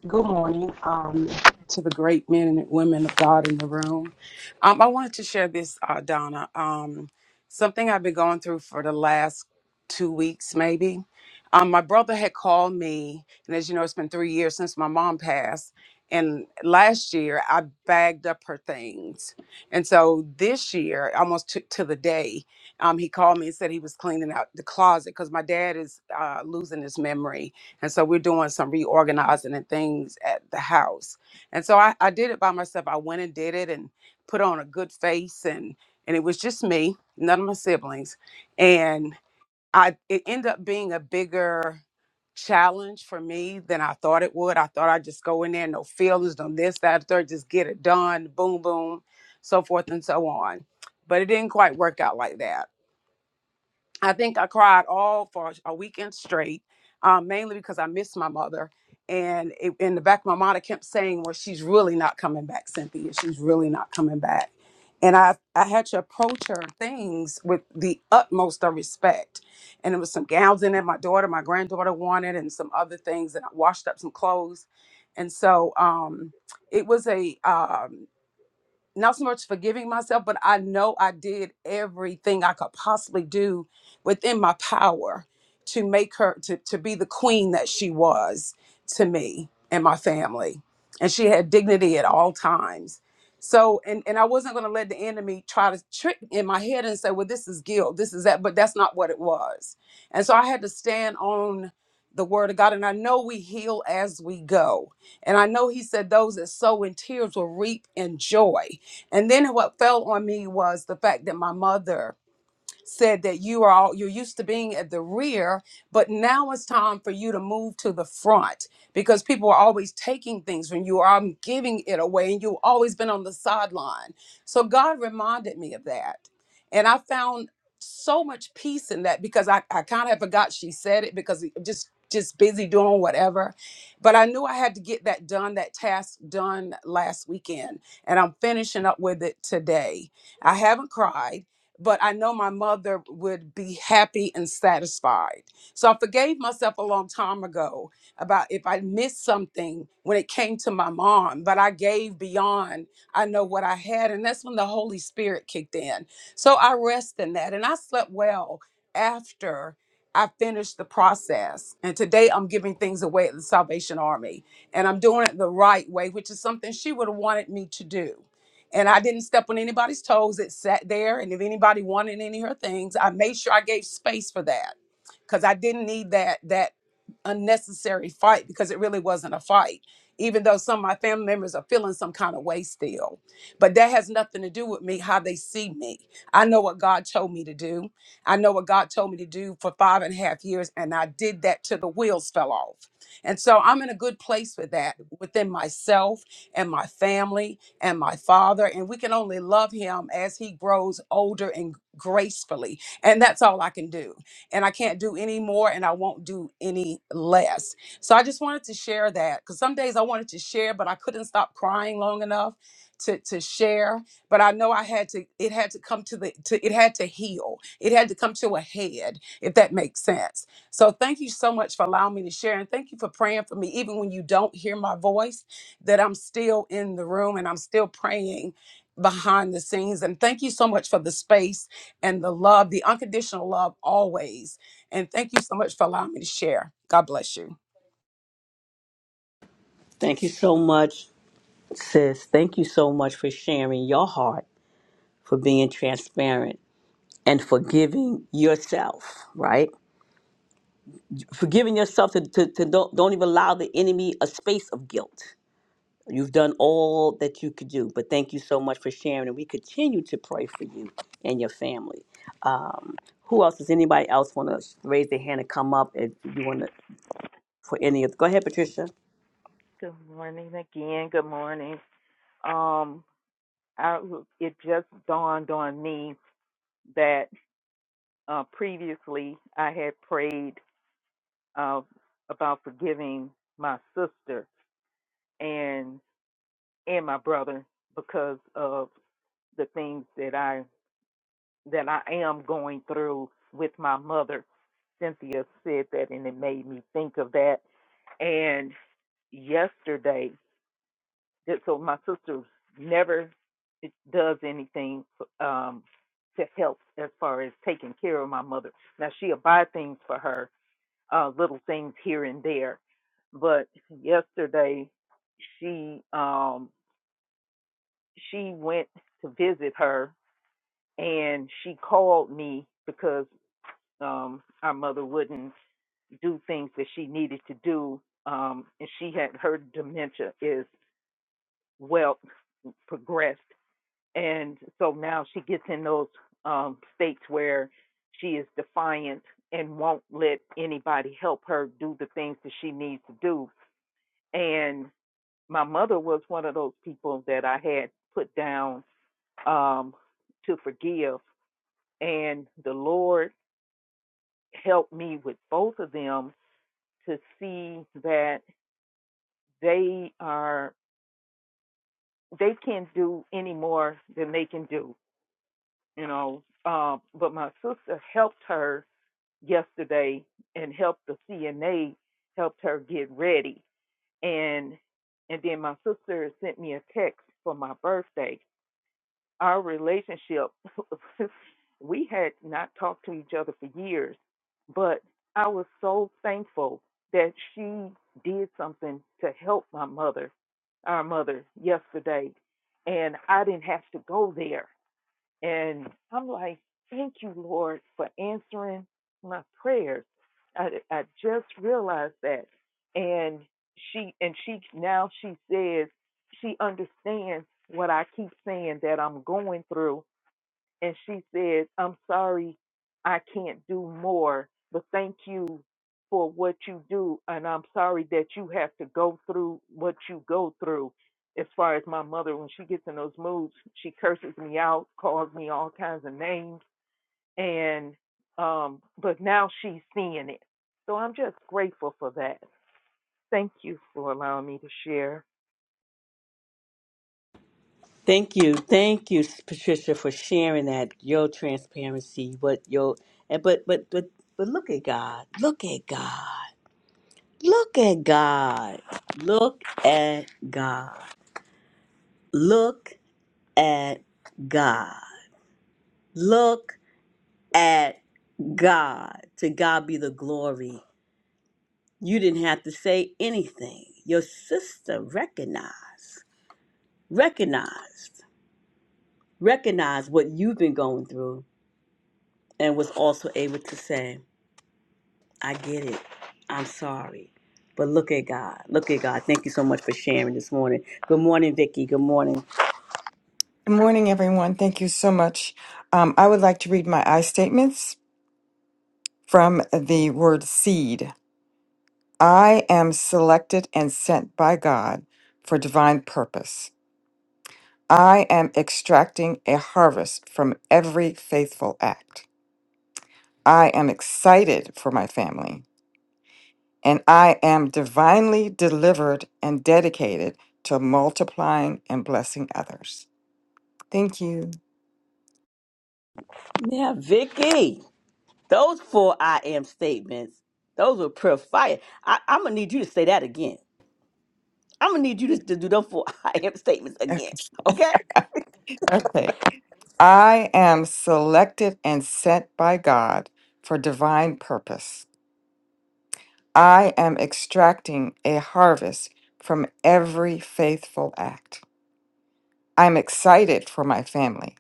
[SPEAKER 4] Good morning um, to the great men and women of God in the room. Um, I wanted to share this, uh, Donna. Um, something I've been going through for the last two weeks, maybe. Um, my brother had called me, and as you know, it's been three years since my mom passed. And last year, I bagged up her things. And so this year, almost to, to the day, um, he called me and said he was cleaning out the closet because my dad is uh, losing his memory and so we're doing some reorganizing and things at the house. And so I, I did it by myself. I went and did it and put on a good face and and it was just me, none of my siblings. And I it ended up being a bigger challenge for me than I thought it would. I thought I'd just go in there, no feelings, no this, that, third, just get it done, boom, boom, so forth and so on. But it didn't quite work out like that I think I cried all for a weekend straight, um, mainly because I missed my mother. And it, in the back of my mind, I kept saying, "Well, she's really not coming back, Cynthia. She's really not coming back." And I, I had to approach her things with the utmost of respect. And there was some gowns in there my daughter, my granddaughter wanted, and some other things. And I washed up some clothes. And so um, it was a um not so much forgiving myself, but I know I did everything I could possibly do within my power to make her to, to be the queen that she was to me and my family. And she had dignity at all times. So and and I wasn't gonna let the enemy try to trick in my head and say, well, this is guilt, this is that, but that's not what it was. And so I had to stand on the word of God. And I know we heal as we go. And I know he said those that sow in tears will reap in joy. And then what fell on me was the fact that my mother said that you are all, you're used to being at the rear, but now it's time for you to move to the front because people are always taking things from you or I'm giving it away and you've always been on the sideline. So God reminded me of that. And I found so much peace in that because I, I kind of forgot she said it because it- just just busy doing whatever. But I knew I had to get that done, that task done last weekend. And I'm finishing up with it today. I haven't cried but I know my mother would be happy and satisfied. So I forgave myself a long time ago about if I missed something when it came to my mom, but I gave beyond I know what I had. And that's when the Holy Spirit kicked in. So I rest in that and I slept well after. I finished the process. And today I'm giving things away at the Salvation Army. And I'm doing it the right way, which is something she would have wanted me to do and I didn't step on anybody's toes. It sat there, and if anybody wanted any of her things, I made sure I gave space for that because I didn't need that that unnecessary fight because it really wasn't a fight even though some of my family members are feeling some kind of way still but that has nothing to do with me how they see me i know what god told me to do i know what god told me to do for five and a half years and i did that till the wheels fell off and so i'm in a good place with that within myself and my family and my father and we can only love him as he grows older and gracefully and that's all i can do and I can't do any more and I won't do any less. So I just wanted to share that because some days I wanted to share, but I couldn't stop crying long enough to, to share. But I know I had to, it had to come to the, to, it had to heal. It had to come to a head, if that makes sense. So thank you so much for allowing me to share. And thank you for praying for me, even when you don't hear my voice, that I'm still in the room and I'm still praying behind the scenes. And thank you so much for the space and the love, the unconditional love always. And thank you so much for allowing me to share. God bless you.
[SPEAKER 2] Thank you so much, sis. Thank you so much for sharing your heart, for being transparent, and for giving yourself. Right? forgiving yourself to, to, to don't, don't even allow the enemy a space of guilt you've done all that you could do but thank you so much for sharing and we continue to pray for you and your family um, who else does anybody else want to raise their hand and come up if you want to for any of go ahead patricia
[SPEAKER 3] Good morning again. Good morning. Um, I, it just dawned on me that uh, previously I had prayed uh, about forgiving my sister and and my brother because of the things that I that I am going through with my mother. Cynthia said that, and it made me think of that. And yesterday, so my sister never eh, does anything um to help as far as taking care of my mother. Now she'll buy things for her, uh little things here and there. But yesterday she um she went to visit her and she called me because um our mother wouldn't do things that she needed to do um and she had her dementia is well progressed and so now she gets in those um, states where she is defiant and won't let anybody help her do the things that she needs to do. And my mother was one of those people that I had put down um, to forgive, and the Lord helped me with both of them to see that they are they can not do any more than they can do, you know. Um, but my sister helped her yesterday and helped the CNA helped her get ready. And and then my sister sent me a text for my birthday. Our relationship *laughs* we had not talked to each other for years, but I was so thankful that she did something to help my mother, our mother yesterday, and I didn't have to go there and I'm like, thank you, Lord, for answering my prayers. I, I just realized that. And she, and she, now she says she understands what I keep saying that I'm going through and she said, I'm sorry I can't do more, but thank you for what you do. And I'm sorry that you have to go through what you go through. As far as my mother, when she gets in those moods, she curses me out, calls me all kinds of names. And, um, but now she's seeing it. So I'm just grateful for that. Thank you for allowing me to share.
[SPEAKER 2] thank you thank you patricia for sharing that your transparency what your and but but but but look at god look at god look at god look at god look at God. Look at God. To God be the glory. You didn't have to say anything. Your sister recognized, recognized, recognized what you've been going through and was also able to say, I get it. I'm sorry. But look at God. Look at God. Thank you so much for sharing this morning. Good morning, Vicky. Good morning.
[SPEAKER 5] Good morning, everyone. Thank you so much. Um, I would like to read my I statements from the word seed. I am selected and sent by God for divine purpose. I am extracting a harvest from every faithful act. I am excited for my family, and I am divinely delivered and dedicated to multiplying and blessing others. Thank you.
[SPEAKER 2] Yeah, Vicky. Those four I am statements, those were pure fire. I, I'm gonna need you to say that again. I'm gonna need you to, to do those four *laughs* I am statements
[SPEAKER 5] Okay.
[SPEAKER 2] again.
[SPEAKER 5] *laughs*
[SPEAKER 2] Okay?
[SPEAKER 5] Okay. I am selected and sent by God for divine purpose. I am extracting a harvest from every faithful act. I'm excited for my family,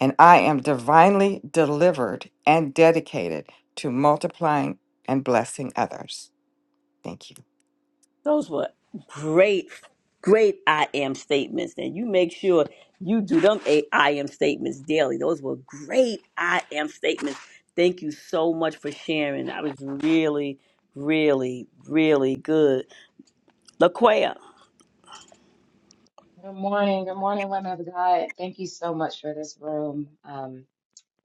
[SPEAKER 5] and I am divinely delivered and dedicated to multiplying and blessing others. Thank you.
[SPEAKER 2] Those were great, great I am statements. And you make sure you do them a- I am statements daily. Those were great I am statements. Thank you so much for sharing. That was really, really, really good. LaQuaya,
[SPEAKER 6] Good morning. Good morning, women of God. Thank you so much for this room. Um,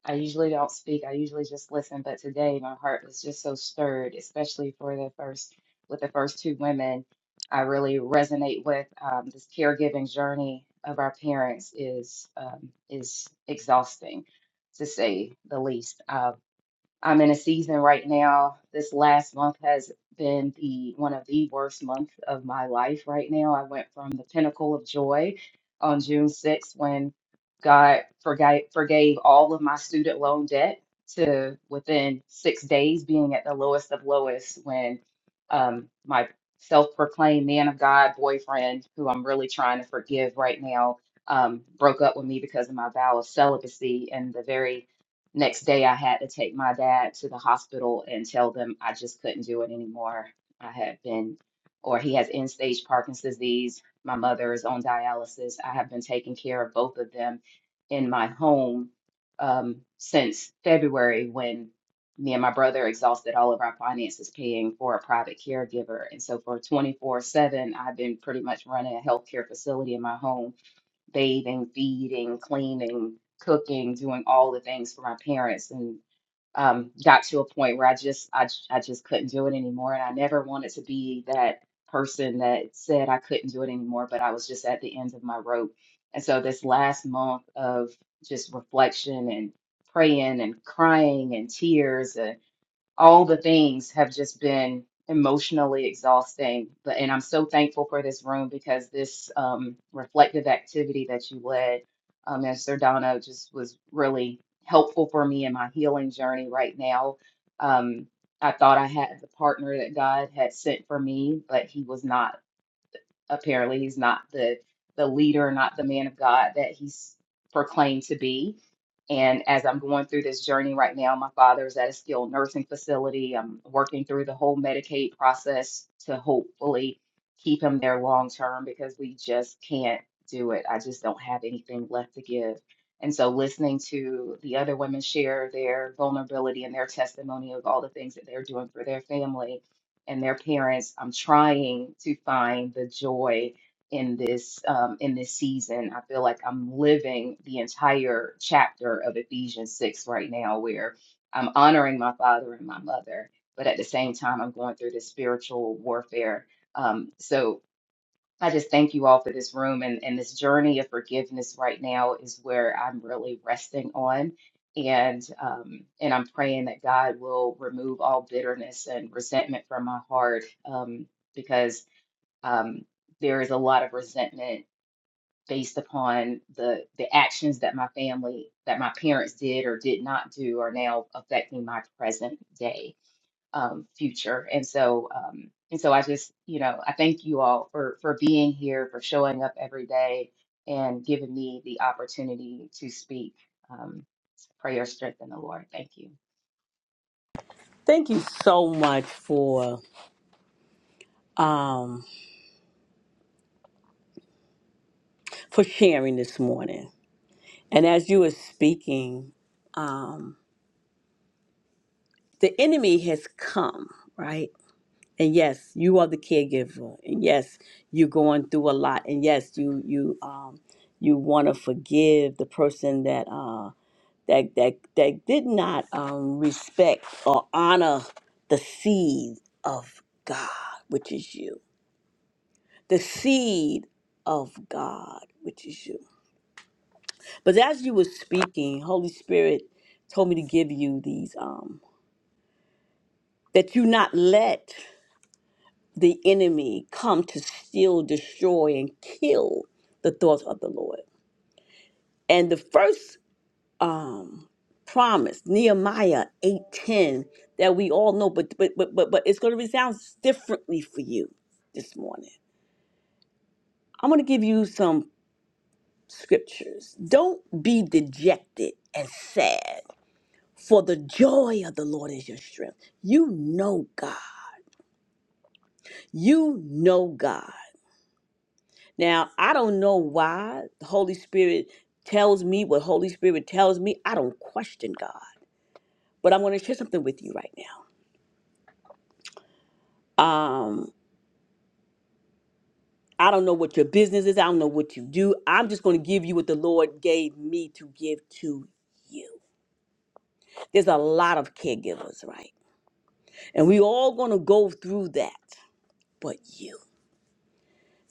[SPEAKER 6] I usually don't speak. I usually just listen, but today my heart was just so stirred, especially for the first with the first two women. I really resonate with um, this caregiving journey of our parents is um, is exhausting, to say the least. Um, I'm in a season right now. This last month has been the one of the worst months of my life right now. I went from the pinnacle of joy on June 6th when God forgave, forgave all of my student loan debt to within six days being at the lowest of lowest when um, my self-proclaimed man of God boyfriend, who I'm really trying to forgive right now, um, broke up with me because of my vow of celibacy and the very Next day, I had to take my dad to the hospital and tell them I just couldn't do it anymore. I had been, or he has end stage Parkinson's disease. My mother is on dialysis. I have been taking care of both of them in my home um, since February when me and my brother exhausted all of our finances paying for a private caregiver. And so for 24/7, I've been pretty much running a healthcare facility in my home bathing, feeding, cleaning, cooking, doing all the things for my parents, and um, got to a point where I just I, j- I just couldn't do it anymore, and I never wanted to be that person that said I couldn't do it anymore, but I was just at the end of my rope. And so this last month of just reflection and praying and crying and tears all the things have just been emotionally exhausting but and i'm so thankful for this room because this um, reflective activity that you led um, as sir Donna just was really helpful for me in my healing journey right now um, i thought i had the partner that god had sent for me but he was not Apparently, he's not the the leader, not the man of God that he's proclaimed to be. And as I'm going through this journey right now, my father is at a skilled nursing facility. I'm working through the whole Medicaid process to hopefully keep him there long term because we just can't do it. I just don't have anything left to give. And so, listening to the other women share their vulnerability and their testimony of all the things that they're doing for their family, and their parents. I'm trying to find the joy in this um, in this season. I feel like I'm living the entire chapter of Ephesians six right now, where I'm honoring my father and my mother, but at the same time, I'm going through this spiritual warfare. Um, so I just thank you all for this room and, and this journey of forgiveness right now is where I'm really resting on. And um, and I'm praying that God will remove all bitterness and resentment from my heart um, because um, there is a lot of resentment based upon the the actions that my family, that my parents did or did not do, are now affecting my present day um, future. And so, um, and so I just, you know, I thank you all for for being here, for showing up every day, and giving me the opportunity to speak. Um, pray your strength in the Lord. Thank you.
[SPEAKER 2] thank you so much for um for sharing this morning. And as you were speaking, um, the enemy has come, right? And yes, you are the caregiver, and yes, you're going through a lot, and yes, you you um, you want to forgive the person that uh, that that that did not um, respect or honor the seed of God, which is you, the seed of God, which is you. But as you were speaking, Holy Spirit told me to give you these. Um, that you not let the enemy come to steal, destroy, and kill the thoughts of the Lord. And the first um, promise, Nehemiah eight ten, that we all know, but but but but, but it's going to resound differently for you this morning. I'm going to give you some scriptures. Don't be dejected and sad. For the joy of the Lord is your strength. You know God. You know God. Now, I don't know why the Holy Spirit tells me what Holy Spirit tells me. I don't question God. But I'm going to share something with you right now. Um, I don't know what your business is. I don't know what you do. I'm just going to give you what the Lord gave me to give to you. There's a lot of caregivers, right? And we all going to go through that, but you.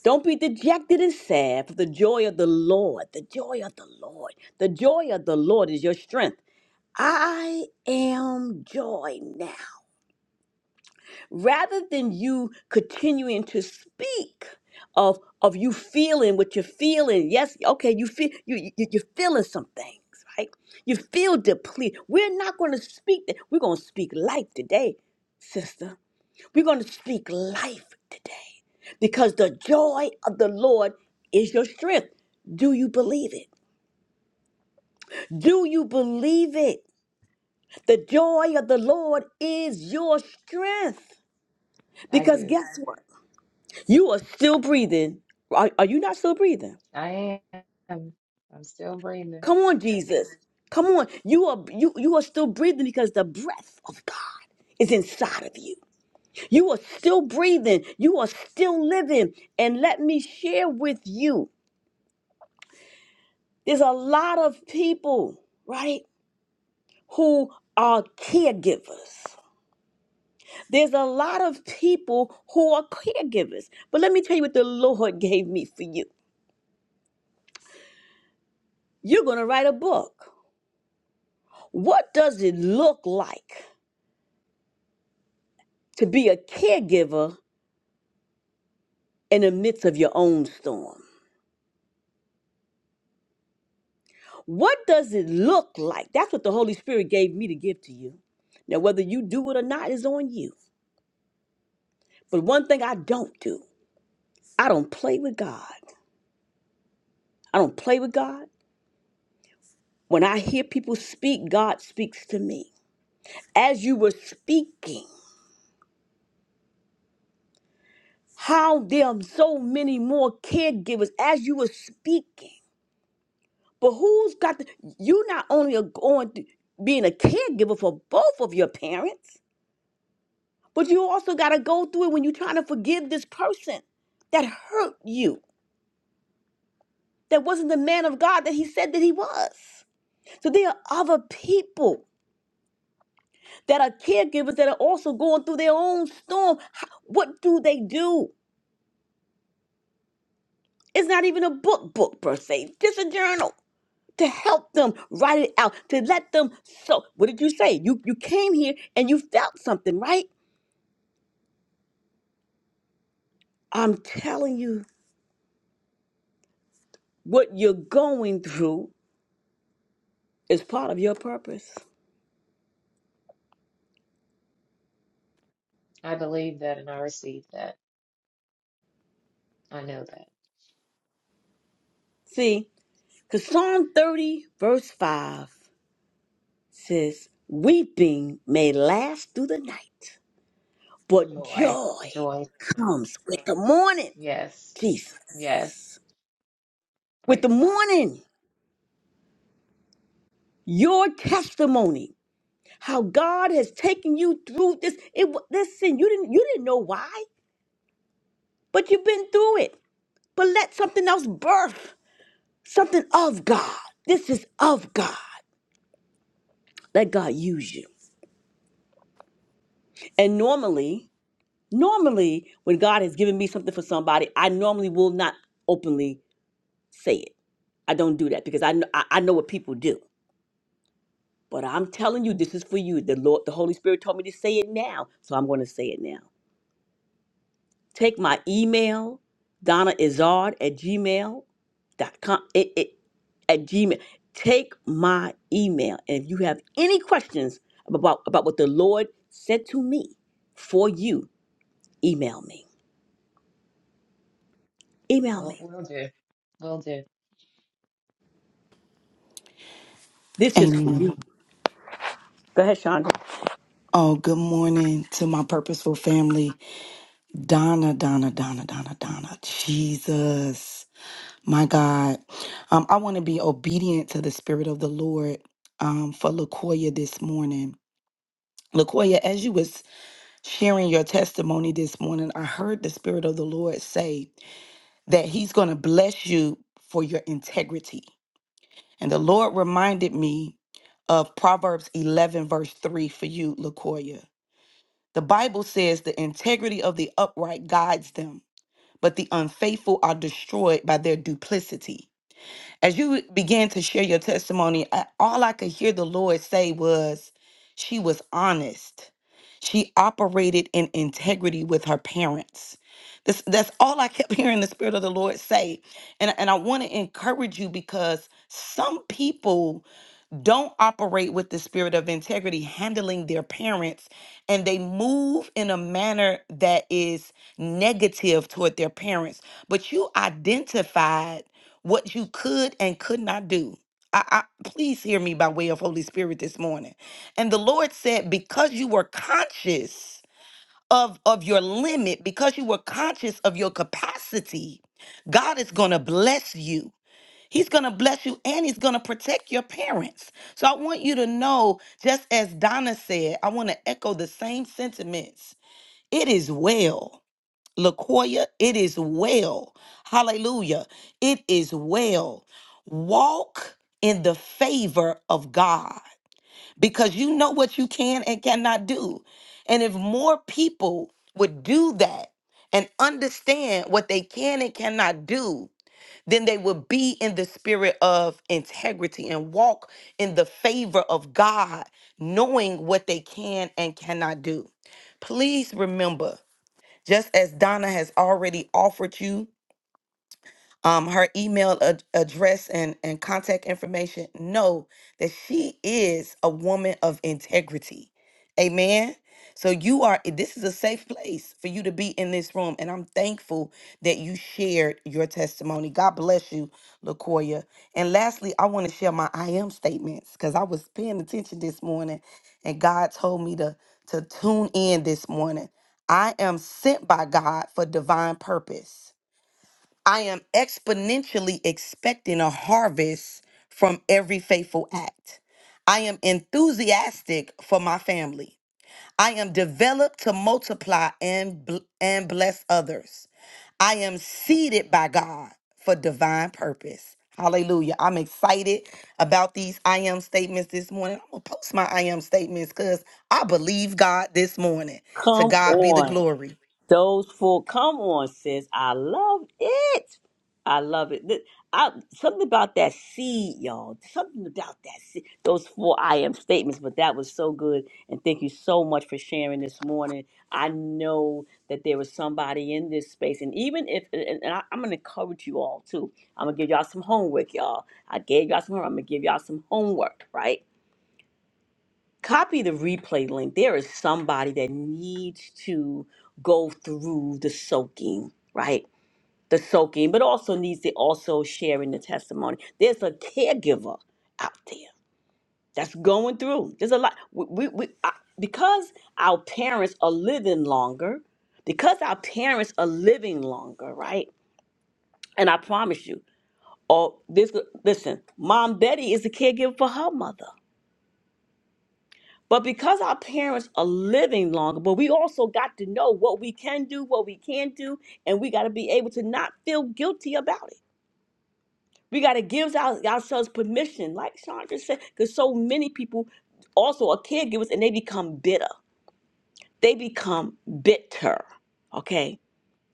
[SPEAKER 2] Don't be dejected and sad for the joy of the Lord. The joy of the Lord. The joy of the Lord is your strength. I am joy now. Rather than you continuing to speak of of you feeling what you're feeling, yes, okay, you feel you, you you're feeling some things, right? You feel depleted. We're not going to speak that. We're going to speak life today, sister. We're going to speak life today because the joy of the Lord is your strength. Do you believe it? Do you believe it? The joy of the Lord is your strength.
[SPEAKER 6] I
[SPEAKER 2] Because
[SPEAKER 6] do.
[SPEAKER 2] guess what? You are still breathing. Are, are you not still breathing?
[SPEAKER 6] I am. I'm still breathing.
[SPEAKER 2] Come on, Jesus. Come on. You are you you are still breathing because the breath of God is inside of you. You are still breathing. You are still living. And let me share with you. There's a lot of people, right, who are caregivers. There's a lot of people who are caregivers. But let me tell you what the Lord *laughs* gave me for you. You're going to write a book. What does it look like to be a caregiver in the midst of your own storm? What does it look like? That's what the Holy Spirit gave me to give to you. Now, whether you do it or not is on you. But one thing I don't do, I don't play with God. I don't play with God. When I hear people speak, God speaks to me. As you were speaking, how there are so many more caregivers as you were speaking. But who's got the, you not only are going through being a caregiver for both of your parents, but you also got to go through it when you're trying to forgive this person that hurt you, that wasn't the man of God that he said that he was. So there are other people that are caregivers that are also going through their own storm. How- What do they do? It's not even a book book per se, just a journal. to help them write it out, to let them so what did you say? You you came here and you felt something, right? I'm telling you, what you're going through is part of your purpose.
[SPEAKER 6] I believe that, and I receive that. I know that
[SPEAKER 2] See, because Psalm 30, verse 5 says, Weeping may last through the night, but
[SPEAKER 6] joy,
[SPEAKER 2] joy
[SPEAKER 6] joy comes.
[SPEAKER 2] comes with the morning.
[SPEAKER 6] Yes,
[SPEAKER 2] Jesus.
[SPEAKER 6] yes.
[SPEAKER 2] With
[SPEAKER 6] Praise
[SPEAKER 2] the
[SPEAKER 6] God.
[SPEAKER 2] morning, your testimony how God has taken you through this. It wa- listen, you didn't you didn't know why, but you've been through it. But let something else birth something of God. This is of God. Let God use you. And normally, normally when God has given me something for somebody, I normally will not openly say it. I don't do that because I know I, I know what people do. But I'm telling you, this is for you. The Lord, the Holy Spirit told me to say it now, so I'm going to say it now. Take my email, Donna Izard at gmail dot com. It, it, at gmail. Take my email. And if you have any questions about, about what the Lord said to me for you, email me. Email
[SPEAKER 6] We'll,
[SPEAKER 2] me.
[SPEAKER 6] we'll do. We'll do.
[SPEAKER 2] This is for
[SPEAKER 7] Amen.
[SPEAKER 2] you. Go ahead, Shonda.
[SPEAKER 7] Oh, good morning to my purposeful family. Donna, Donna, Donna, Donna, Donna. Jesus, my God. Um, I want to be obedient to the Spirit of the Lord um, for Lakoya this morning. Lakoya, as you was sharing your testimony this morning, I heard the Spirit of the Lord say that He's going to bless you for your integrity. And the Lord reminded me of Proverbs 11, verse 3 for you, Lakoya. The Bible says the integrity of the upright guides them, but the unfaithful are destroyed by their duplicity. As you began to share your testimony, I, all I could hear the Lord say was, She was honest. She operated in integrity with her parents. This, that's all I kept *laughs* hearing the Spirit of the Lord say. And, and I want to encourage you because some people don't operate with the spirit of integrity handling their parents and they move in a manner that is negative toward their parents but you identified what you could and could not do I, I please hear me by way of holy spirit this morning and the lord said because you were conscious of of your limit because you were conscious of your capacity god is going to bless you He's going to bless you and he's going to protect your parents. So I want you to know, just as Donna said, I want to echo the same sentiments. It is well. Lakoya, it is well. Hallelujah. It is well. Walk in the favor of God because you know what you can and cannot do. And if more people would do that and understand what they can and cannot do, then they will be in the spirit of integrity and walk in the favor of God, knowing what they can and cannot do. Please remember, just as Donna has already offered you um, her email ad- address and, and contact information, know that she is a woman of integrity. Amen. So you are, eh, this is a safe place for you to be in this room. And I'm thankful that you shared your testimony. God bless you, LaCoya. And lastly, I want to share my I am statements because I was paying attention this morning and God told me to, to tune in this morning. I am sent by God for divine purpose. I am exponentially expecting a harvest from every faithful act. I am enthusiastic for my family. I am developed to multiply and, bl- and bless others. I am seated by God for divine purpose. Hallelujah. I'm excited about these I am statements this morning. I'm going to post my I am statements because I believe God this morning. To
[SPEAKER 2] Come
[SPEAKER 7] God be the
[SPEAKER 2] on.
[SPEAKER 7] glory.
[SPEAKER 2] Those four, come on, sis. I love it. I love it. Th- I, something about that seed, y'all. Something about that seed. Those four I am statements, but that was so good. And thank you so much for sharing this morning. I know that there was somebody in this space. And even if, and, and I, I'm going to encourage you all too. I'm going to give y'all some homework, y'all. I gave y'all some homework. I'm going to give y'all some homework, right? copy the replay link. There is somebody that needs to go through the soaking, right? The soaking, but also needs to also share in the testimony. There's a caregiver out there that's going through. There's a lot. We, we, we I, because our parents are living longer, because our parents are living longer, right? And I promise you, oh, this listen, Mom Betty is a caregiver for her mother. But because our parents are living longer, but we also got to know what we can do, what we can't do, and we got to be able to not feel guilty about it. We got to give our, ourselves permission, like Chandra said, because so many people also are caregivers and they become bitter. They become bitter, okay?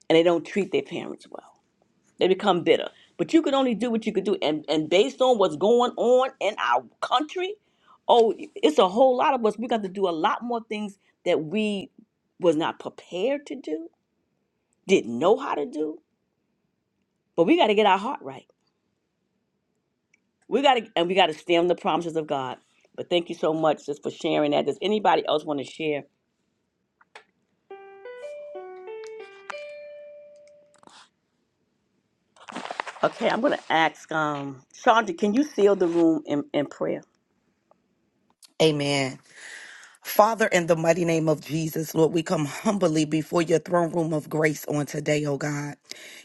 [SPEAKER 2] And they don't treat their parents well. They become bitter. But you could only do what you could do. And, and based on what's going on in our country, oh, it's a whole lot of us. We got to do a lot more things that we was not prepared to do, didn't know how to do. But we got to get our heart right. We got to, and we got to stem the promises of God. But thank you so much just for sharing that. Does anybody else want to share? Okay, I'm going to ask um, Chandra, can you seal the room in, in prayer?
[SPEAKER 7] Amen. Father, in the mighty name of Jesus, Lord, we come humbly before your throne room of grace on today, oh God,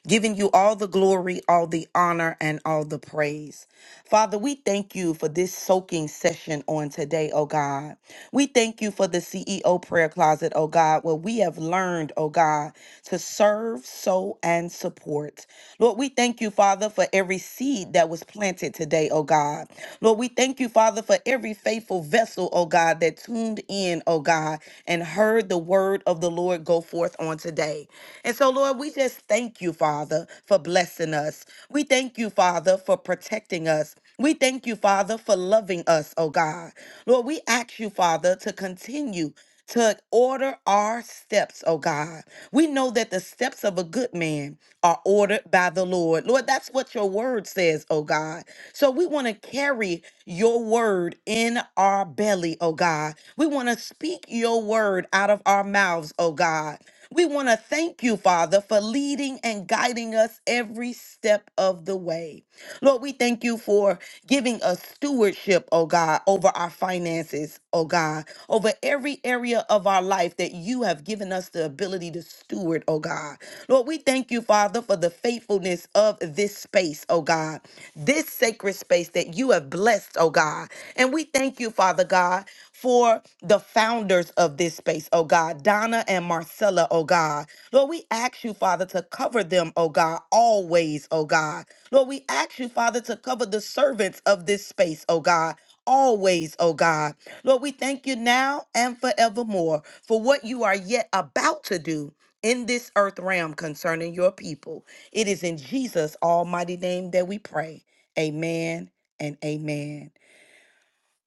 [SPEAKER 7] giving you all the glory, all the honor, and all the praise. Father, we thank you for this soaking session on today, oh God. We thank you for the CEO prayer closet, oh God, where we have learned, oh God, to serve, sow, and support. Lord, we thank you, Father, for every seed that was planted today, oh God. Lord, we thank you, Father, for every faithful vessel, oh God, that tuned in, oh God, and heard the word of the Lord go forth on today. And so, Lord, we just thank you, Father, for blessing us. We thank you, Father, for protecting us. We thank you, Father, for loving us, oh God. Lord, we ask you, Father, to continue to order our steps, oh God. We know that the steps of a good man are ordered by the Lord. Lord, that's what your word says, oh God. So we want to carry your word in our belly, oh God. We want to speak your word out of our mouths, oh God. We want to thank you, Father, for leading and guiding us every step of the way. Lord, we thank you for giving us stewardship, oh God, over our finances, oh God, over every area of our life that you have given us the ability to steward, oh God. Lord, we thank you, Father, for the faithfulness of this space, oh God, this sacred space that you have blessed, oh God. And we thank you, Father God for the founders of this space, oh God, Donna and Marcella, oh God. Lord, we ask you, Father, to cover them, oh God, always, oh God. Lord, we ask you, Father, to cover the servants of this space, oh God. Always, oh God. Lord, we thank you now and forevermore for what you are yet about to do in this earth realm concerning your people. It is in Jesus' almighty name that we pray. Amen and amen.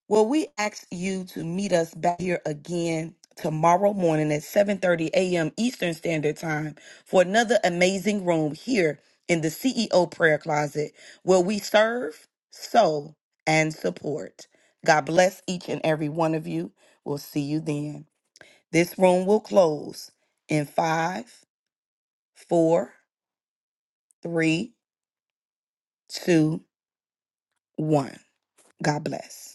[SPEAKER 7] Well, we ask you to meet us back here again tomorrow morning at 7:30 a.m. Eastern Standard Time for another amazing room here in the CEO Prayer Closet where we serve, sow, and support. God bless each and every one of you. We'll see you then. This room will close in five, four, three, two, one. God bless.